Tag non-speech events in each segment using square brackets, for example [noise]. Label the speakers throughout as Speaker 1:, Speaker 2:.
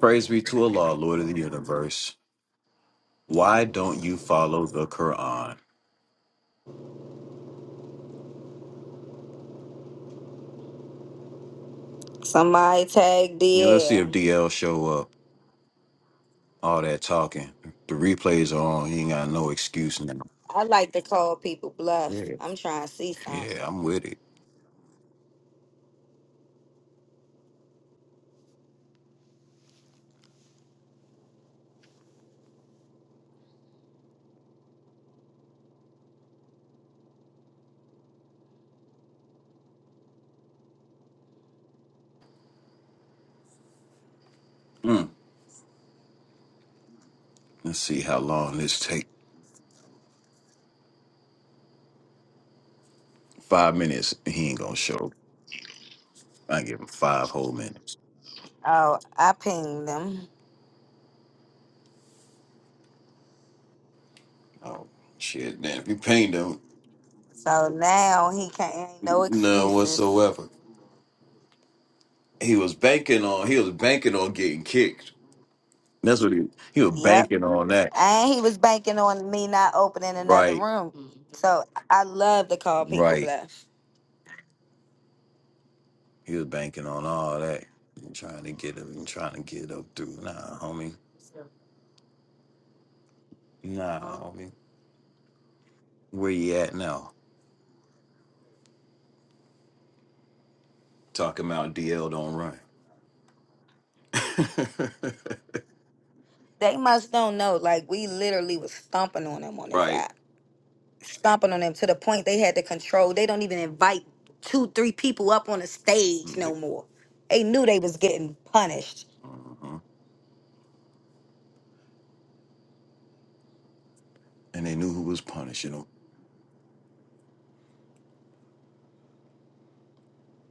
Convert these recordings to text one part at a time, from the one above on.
Speaker 1: Praise be to Allah, Lord of the universe. Why don't you follow the Quran?
Speaker 2: Somebody tag
Speaker 1: Yeah, let's see if
Speaker 2: DL.
Speaker 1: DL show up. All that talking. The replays are on. He ain't got no excuse now.
Speaker 2: I like to call people bluff.
Speaker 1: Yeah.
Speaker 2: I'm trying to see something.
Speaker 1: Yeah, I'm with it. Mm. Let's see how long this take. Five minutes. He ain't gonna show. up. I give him five whole minutes.
Speaker 2: Oh, I pinged him.
Speaker 1: Oh shit, man. If you pained him,
Speaker 2: So now he can't ain't no
Speaker 1: none
Speaker 2: excuses.
Speaker 1: whatsoever. He was banking on he was banking on getting kicked. That's what he he was
Speaker 2: Yep.
Speaker 1: banking on that.
Speaker 2: And he was banking on me not opening another
Speaker 1: Right.
Speaker 2: room. So I love to call people
Speaker 1: Right.
Speaker 2: bluff.
Speaker 1: He was banking on all that and trying to get up and trying to get up through. Nah, homie. Nah, homie. Where you at now? Talking about DL don't run. [laughs]
Speaker 2: They must don't know. Like we literally was stomping on them on this
Speaker 1: right.
Speaker 2: app. Stomping on them to the point they had to control. They don't even invite two, three people up on the stage no more. They knew they was getting punished.
Speaker 1: Mhm. And they knew who was punishing him.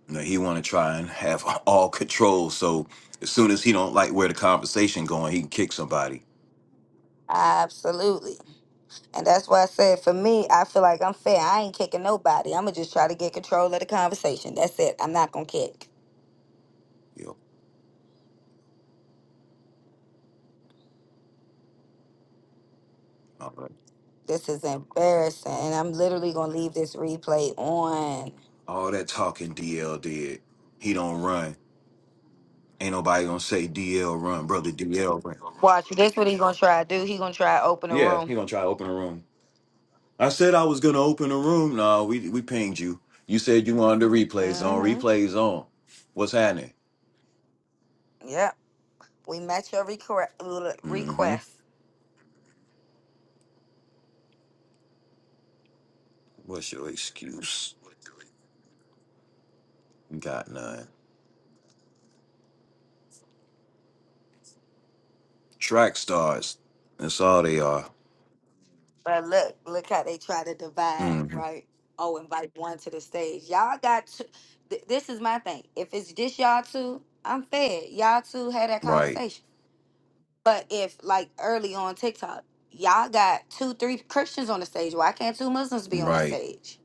Speaker 1: Now he want to try and have [laughs] all control. So as soon as he don't like where the conversation going, he can kick somebody.
Speaker 2: Absolutely. And that's why I said for me, I feel like I'm fair. I ain't kicking nobody. I'm gonna just try to get control of the conversation. That's it. I'm not gonna kick.
Speaker 1: Yep. All that,
Speaker 2: This is
Speaker 1: all
Speaker 2: embarrassing.
Speaker 1: that,
Speaker 2: And I'm literally gonna leave this replay on.
Speaker 1: all that talking DL did. He don't run. Ain't nobody gonna say DL run, brother. DL run.
Speaker 2: Watch this what he gonna try to do. He gonna try to open a
Speaker 1: Yeah,
Speaker 2: room.
Speaker 1: he gonna try to open a room. I said I was gonna open a room. No, we we pinged you. You said you wanted the replays on.
Speaker 2: Mm-hmm.
Speaker 1: Replays on. What's happening?
Speaker 2: Yep. We match your requ-
Speaker 1: Mm-hmm.
Speaker 2: request.
Speaker 1: What's your excuse? Got none. Track stars. That's all they are.
Speaker 2: But look, look how they try to divide,
Speaker 1: Mm-hmm.
Speaker 2: right? Oh, invite one to the stage. Y'all got two. Th- this is my thing. If it's just y'all two, I'm fed. Y'all two had that
Speaker 1: Right.
Speaker 2: conversation. But if like early on TikTok, y'all got two, three Christians on the stage. Why can't two Muslims be on the
Speaker 1: Right.
Speaker 2: stage?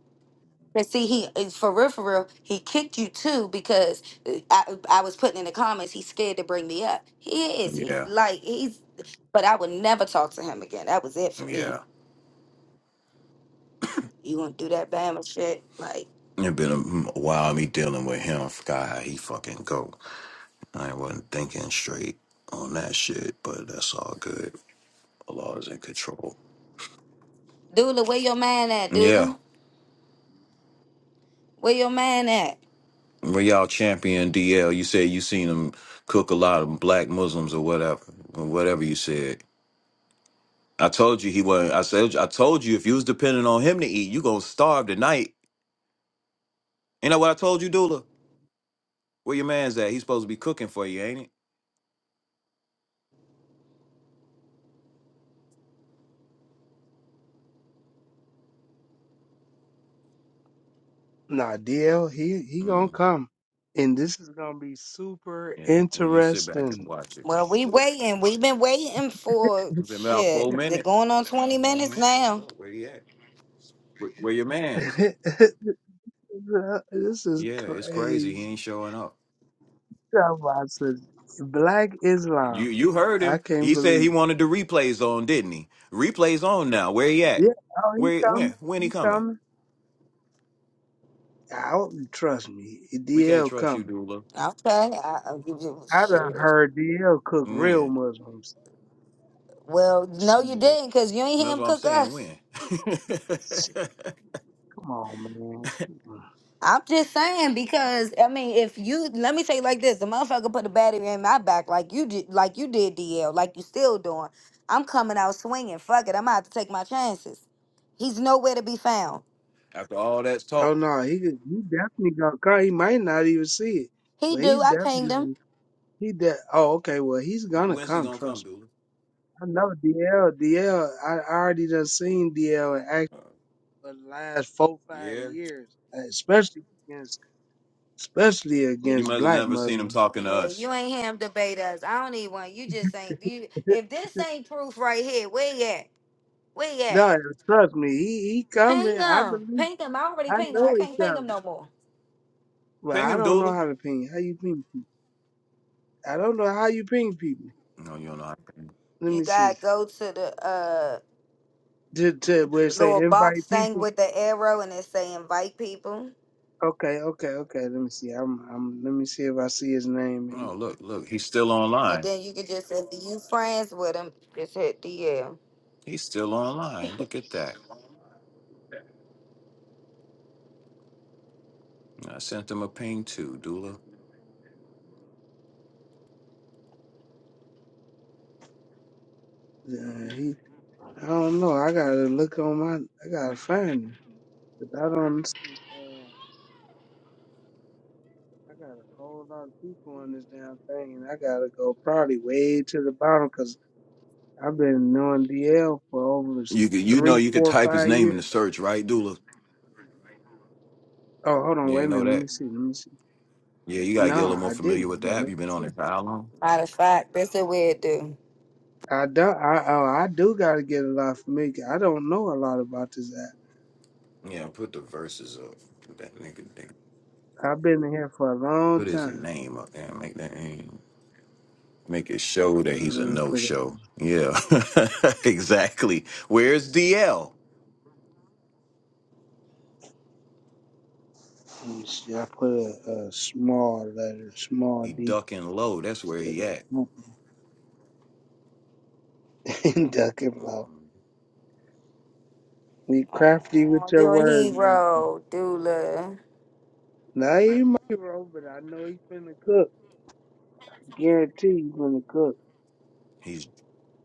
Speaker 2: But see, he is for real, for real. He kicked you too because uh, I, I was putting in the comments. He's scared to bring me up. He is. He
Speaker 1: Yeah.
Speaker 2: like he's. But I would never talk to him again. That was it for me.
Speaker 1: Yeah.
Speaker 2: You gonna do that Bama shit? Like,
Speaker 1: It been a while me dealing with him. Forgot how he fucking go. I wasn't thinking straight on that shit, but that's all good. Allah is in control.
Speaker 2: Dula, where your man at,
Speaker 1: Yeah.
Speaker 2: Dula? Where your man at?
Speaker 1: Real champion DL, you said you seen him cook a lot of black Muslims or whatever, or whatever you said. I told you he wasn't. I said I told you if you was depending on him to eat, you gonna starve tonight. You know what I told you, Dula? Where your man's at? He's supposed to be cooking for you, ain't it?
Speaker 3: Nah, DL, he he gonna
Speaker 1: Mm,
Speaker 3: come, and this is gonna be super
Speaker 1: yeah. Well, you sit back and
Speaker 3: interesting.
Speaker 1: watch it.
Speaker 2: Well, we
Speaker 3: Super-
Speaker 2: waiting. We've been waiting for
Speaker 1: It's been about
Speaker 2: shit.
Speaker 1: four
Speaker 2: They're
Speaker 1: minutes.
Speaker 2: going on 20 minutes
Speaker 1: hmm What's
Speaker 2: now.
Speaker 1: up? Where he at? Where, where your man's?
Speaker 3: [laughs] this is
Speaker 1: Yeah, it's crazy. He ain't
Speaker 3: crazy.
Speaker 1: showing up.
Speaker 3: Talking about some Black
Speaker 1: You
Speaker 3: Islam,
Speaker 1: you heard
Speaker 3: I
Speaker 1: him.
Speaker 3: can't
Speaker 1: He said he
Speaker 3: believe.
Speaker 1: wanted the replays on, didn't he? Replays on now. Where he at?
Speaker 3: Yeah, oh, he
Speaker 1: Where when?
Speaker 3: coming,
Speaker 1: When he
Speaker 3: he
Speaker 1: coming?
Speaker 3: coming. I don't trust me.
Speaker 1: We can't
Speaker 3: DL
Speaker 1: trust you,
Speaker 3: coming.
Speaker 1: Dula.
Speaker 2: Okay. I, I'll give you
Speaker 3: I done
Speaker 2: shit.
Speaker 3: heard DL cook real
Speaker 1: When?
Speaker 3: Muslims.
Speaker 2: Well, no,
Speaker 3: Shit.
Speaker 2: you didn't because you ain't hear
Speaker 1: That's
Speaker 2: him
Speaker 1: what I'm
Speaker 2: cook
Speaker 1: saying.
Speaker 2: us.
Speaker 1: When? [laughs]
Speaker 3: Shit, Come on, man.
Speaker 2: I'm just saying because I mean, if you let me say it like this, the motherfucker put a battery in my back like you did, like you did, DL, like you still doing. I'm coming out swinging. Fuck it, I'm out to take my chances. He's nowhere to be found.
Speaker 1: After all that's
Speaker 3: Oh
Speaker 1: talk,
Speaker 3: no, he could- he definitely gonna come. He might not even see it,
Speaker 2: He
Speaker 3: but
Speaker 2: do.
Speaker 3: he's
Speaker 2: I pinged him.
Speaker 3: definitely he de- Oh, okay. Well, he's gonna
Speaker 1: when's he
Speaker 3: come.
Speaker 1: gonna come,
Speaker 3: Trust me.
Speaker 1: Dula?
Speaker 3: I know DL. DL. I I already done seen DL in action
Speaker 1: Uh,
Speaker 3: for the last four five
Speaker 1: yeah.
Speaker 3: years, especially against especially
Speaker 2: You-
Speaker 1: You
Speaker 3: against
Speaker 1: must have
Speaker 3: black
Speaker 1: never seen him
Speaker 3: Muslims.
Speaker 1: talking to
Speaker 2: Yeah,
Speaker 1: us.
Speaker 2: you ain't him debate us. I don't need one. You just ain't you.
Speaker 3: [laughs]
Speaker 2: If this ain't proof right here, where you at? Where you at?
Speaker 3: no, trust me. He he
Speaker 2: Ping
Speaker 3: coming. I
Speaker 2: him.
Speaker 3: believe.
Speaker 2: Ping him. I already
Speaker 3: I
Speaker 2: pinged him.
Speaker 3: know
Speaker 2: I
Speaker 3: he
Speaker 2: can't ping him
Speaker 3: coming.
Speaker 2: no more.
Speaker 3: Well,
Speaker 1: Ping
Speaker 3: I
Speaker 1: him,
Speaker 3: don't know
Speaker 1: Dula.
Speaker 3: how to ping. How you ping people? I don't know how you ping people.
Speaker 1: No, you don't know. How to ping.
Speaker 3: Let
Speaker 2: You
Speaker 3: me see.
Speaker 2: gotta go to the uh
Speaker 3: To to where it say
Speaker 2: little box
Speaker 3: invite people.
Speaker 2: thing with the arrow and it say invite people.
Speaker 3: Okay, okay, okay. Let me see. I'm, I'm. Let me see if I see his name
Speaker 1: Oh, look,
Speaker 3: anywhere.
Speaker 1: look. He's still
Speaker 2: And
Speaker 1: online.
Speaker 2: then you can just if you friends with him, just hit the uh
Speaker 1: He's still online. Look at that. I sent him a ping too, Dula.
Speaker 3: Uh, he. I don't know. I gotta look on my. I gotta find him. 'Cause I don't see. Uh, I got a whole lot of people on this damn thing, and I gotta go probably way to the bottom because I've been knowing DL for over s-
Speaker 1: You could, you know,
Speaker 3: three,
Speaker 1: you could
Speaker 3: four,
Speaker 1: type his
Speaker 3: five
Speaker 1: name in
Speaker 3: years.
Speaker 1: the search, right, Dula?
Speaker 3: Oh, hold on.
Speaker 1: You
Speaker 3: Wait a
Speaker 1: ain't know
Speaker 3: minute. Let me
Speaker 1: that.
Speaker 3: see. Let me see.
Speaker 1: Yeah, you gotta get a little
Speaker 3: Nah,
Speaker 1: more
Speaker 3: I
Speaker 1: familiar
Speaker 3: didn't.
Speaker 1: with the
Speaker 3: But
Speaker 1: app.
Speaker 3: let
Speaker 1: You've
Speaker 3: me
Speaker 1: been on
Speaker 3: see.
Speaker 1: it for how long?
Speaker 2: Matter of fact, this is where it do.
Speaker 3: I don't. I. Oh, I do gotta get a lot familiar. I don't know a lot about this app.
Speaker 1: Yeah, put the verses up. Put that nigga down.
Speaker 3: I've been in here for a long
Speaker 1: Put his
Speaker 3: time.
Speaker 1: name up there. Make that name. Make it show that
Speaker 3: Uh, let
Speaker 1: he's a
Speaker 3: me
Speaker 1: no
Speaker 3: put a,
Speaker 1: show. Yeah, [laughs] exactly. Where's DL?
Speaker 3: let me see. I put a, a small letter, small
Speaker 1: He
Speaker 3: D,
Speaker 1: ducking low. That's where he
Speaker 3: instead
Speaker 1: at.
Speaker 3: of [laughs] duck him out. [laughs] We crafty with
Speaker 2: Oh,
Speaker 3: your
Speaker 2: you're a
Speaker 3: words. man.
Speaker 2: hero, doula.
Speaker 3: Now he might be wrong, but I know he finna cook. I guarantee he finna cook.
Speaker 1: He's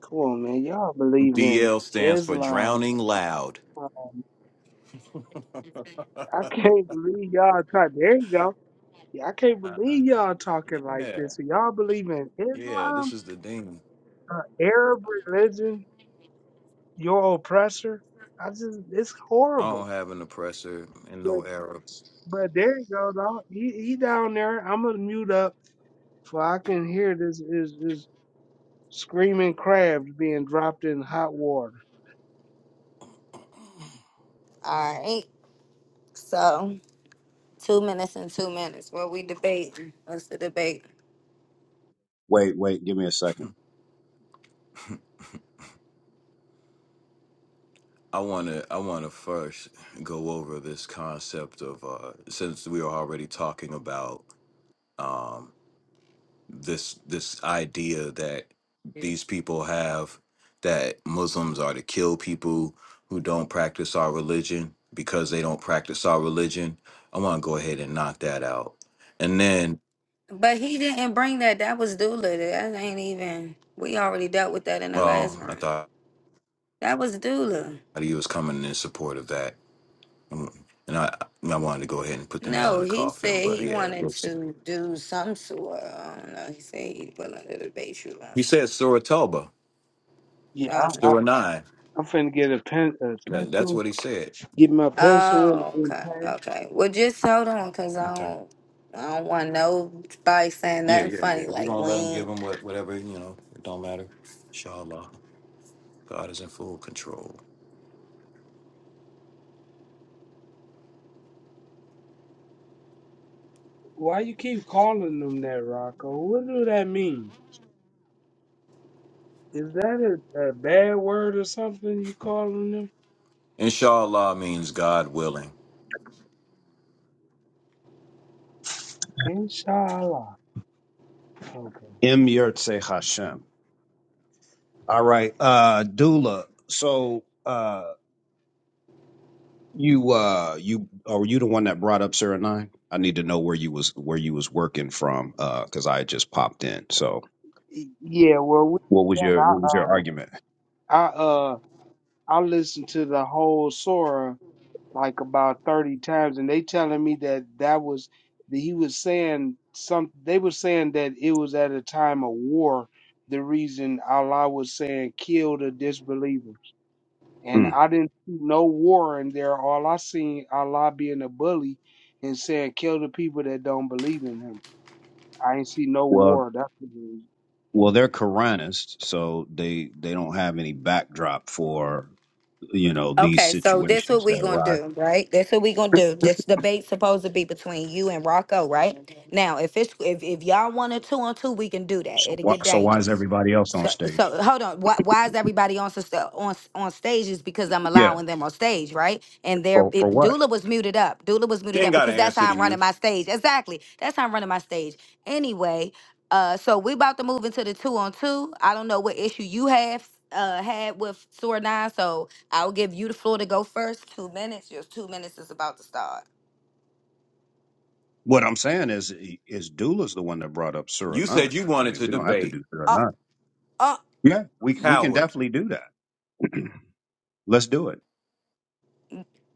Speaker 3: Come on, man. Y'all believe in
Speaker 1: DL stands for
Speaker 3: Islam.
Speaker 1: drowning loud. [laughs]
Speaker 3: I can't believe y'all talk. There you go. Yeah, I can't believe y'all talking like
Speaker 1: yeah,
Speaker 3: this. So y'all believe in
Speaker 1: yeah. This
Speaker 3: Islam,
Speaker 1: is the thing.
Speaker 3: uh, Arab religion. your oppressor. I just it's
Speaker 1: I
Speaker 3: horrible.
Speaker 1: don't have an oppressor in
Speaker 3: But
Speaker 1: no era.
Speaker 3: but there you go, dog. He he down there. I'm gonna mute up for I can hear this is is screaming crabs being dropped in hot water.
Speaker 2: All right. So. Two minutes and two minutes. What we debating? What's the debate?
Speaker 4: Wait, wait, give me a second.
Speaker 1: I want to I want to first go over this concept of uh, since we are already talking about um, this this idea that these people have that Muslims are to kill people who don't practice our religion because they don't practice our religion. I want to go ahead and knock that out, and then
Speaker 2: But he didn't bring that. That was Dula. That ain't even. We already dealt with that in the
Speaker 1: oh,
Speaker 2: last
Speaker 1: I
Speaker 2: round.
Speaker 1: thought
Speaker 2: That was Dula.
Speaker 1: he was coming in support of that, Mm. and I I wanted to go ahead and put the nail in
Speaker 2: No,
Speaker 1: the
Speaker 2: he
Speaker 1: coffin,
Speaker 2: said
Speaker 1: but
Speaker 2: he
Speaker 1: yeah,
Speaker 2: wanted
Speaker 1: we'll see.
Speaker 2: to do some sort. I don't know. He said he willing to debate you on
Speaker 1: he
Speaker 2: something.
Speaker 1: said Surah Toba.
Speaker 3: Yeah,
Speaker 2: Oh,
Speaker 3: I, I,
Speaker 1: Sure, nine.
Speaker 3: I'm finna get a pen a
Speaker 1: That, that's
Speaker 3: pencil,
Speaker 1: what he said.
Speaker 3: get my pencil and,
Speaker 2: oh,
Speaker 3: and
Speaker 2: okay,
Speaker 3: pad.
Speaker 2: okay. Well, just hold on, cause I
Speaker 1: Okay.
Speaker 2: don't, I don't want nobody saying
Speaker 1: Yeah,
Speaker 2: nothing
Speaker 1: yeah, yeah.
Speaker 2: funny
Speaker 1: We're
Speaker 2: like
Speaker 1: gonna let him
Speaker 2: we.
Speaker 1: give him what, whatever you know. It don't matter. Inshallah, God is in full control.
Speaker 3: Why you keep calling them that, Rocco? What do that mean? Is that a, a bad word or something you calling them?
Speaker 1: Inshallah means God willing.
Speaker 3: Inshallah. Okay.
Speaker 4: Im Yurtse Hashem. All right, uh, Dula. So, uh, you, uh, you, are you the one that brought up Sarah Nine? I need to know where you was where you was working from, uh, because I had just popped in. So,
Speaker 3: Y- Yeah, well,
Speaker 4: what was your what was your
Speaker 3: we,
Speaker 4: argument?
Speaker 3: I uh I listened to the whole Sora like about thirty times, and they telling me that that was that he was saying some. They were saying that it was at a time of war. The reason Allah was saying kill the disbelievers, and
Speaker 4: Hmm.
Speaker 3: I didn't see no war in there. All I seen Allah being a bully and saying kill the people that don't believe in Him. I ain't see no
Speaker 4: Well,
Speaker 3: war. That's what it is.
Speaker 4: well, they're Quranists, so they they don't have any backdrop for you know these
Speaker 2: Okay, so this what
Speaker 4: situations that
Speaker 2: we gonna
Speaker 4: arise.
Speaker 2: do, right? This what we gonna do. This debate supposed to be between you and Rocco, right? Now, if it's if, if y'all want a two on two, we can do that.
Speaker 4: So,
Speaker 2: It'll
Speaker 4: why,
Speaker 2: get
Speaker 4: so why is
Speaker 2: dangerous.
Speaker 4: everybody else on
Speaker 2: So
Speaker 4: stage?
Speaker 2: so hold on. Why, why is everybody on sus- on s- on stage? Is because I'm
Speaker 4: Yeah,
Speaker 2: allowing them on stage, right? And their
Speaker 4: for for
Speaker 2: it,
Speaker 4: what?
Speaker 2: Dula was muted up. Dula was
Speaker 1: She
Speaker 2: muted
Speaker 1: ain't
Speaker 2: up
Speaker 1: got an
Speaker 2: because that's
Speaker 1: answer
Speaker 2: how I'm
Speaker 1: to
Speaker 2: running
Speaker 1: you.
Speaker 2: my stage. Exactly. That's how I'm running my stage. Anyway, uh, so we about to move into the two on two. I don't know what issue you have uh had with Sword Nine, so I'll give you the floor to go first. Two minutes. Your two minutes is about to start.
Speaker 4: What I'm saying is, is Dula's the one that brought up Surah
Speaker 1: You
Speaker 4: nine.
Speaker 1: said you
Speaker 4: I
Speaker 1: wanted
Speaker 4: mean,
Speaker 1: to
Speaker 4: we don't have to
Speaker 1: debate,
Speaker 4: do Surah
Speaker 2: Uh
Speaker 4: nine.
Speaker 2: uh.
Speaker 4: Yeah, we we can
Speaker 1: coward.
Speaker 4: definitely do that. [clears throat] Let's do it.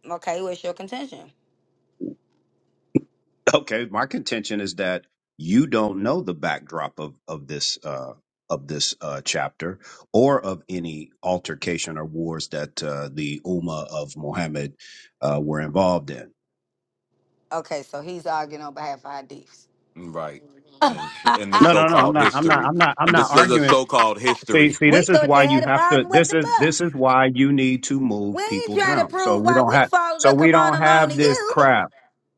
Speaker 2: Okay, what's your contention?
Speaker 4: Okay, my contention is that you don't know the backdrop of of this uh, of this uh, chapter or of any altercation or wars that uh, the Ummah of Muhammad uh, were involved in.
Speaker 2: Okay, so he's arguing on behalf of our deeps.
Speaker 1: Right,
Speaker 2: [laughs]
Speaker 1: and in the
Speaker 4: No, no, no. I'm
Speaker 1: so-called
Speaker 4: not. I'm not.
Speaker 1: history,
Speaker 4: I'm not. I'm
Speaker 1: and this
Speaker 4: not
Speaker 1: the
Speaker 4: arguing.
Speaker 1: so-called
Speaker 4: See,
Speaker 1: history.
Speaker 4: see,
Speaker 2: we
Speaker 4: this is
Speaker 2: thought you
Speaker 4: why you
Speaker 2: had a
Speaker 4: have to.
Speaker 2: problem with
Speaker 4: This
Speaker 2: the
Speaker 4: is
Speaker 2: book.
Speaker 4: this is why you need to
Speaker 2: We
Speaker 4: move
Speaker 2: ain't
Speaker 4: people
Speaker 2: trying to
Speaker 4: down. So
Speaker 2: prove
Speaker 4: we
Speaker 2: why
Speaker 4: don't
Speaker 2: we
Speaker 4: have.
Speaker 2: follow
Speaker 4: So
Speaker 2: the
Speaker 4: we
Speaker 2: Quran
Speaker 4: don't
Speaker 2: alone to
Speaker 4: have this
Speaker 2: you.
Speaker 4: crap.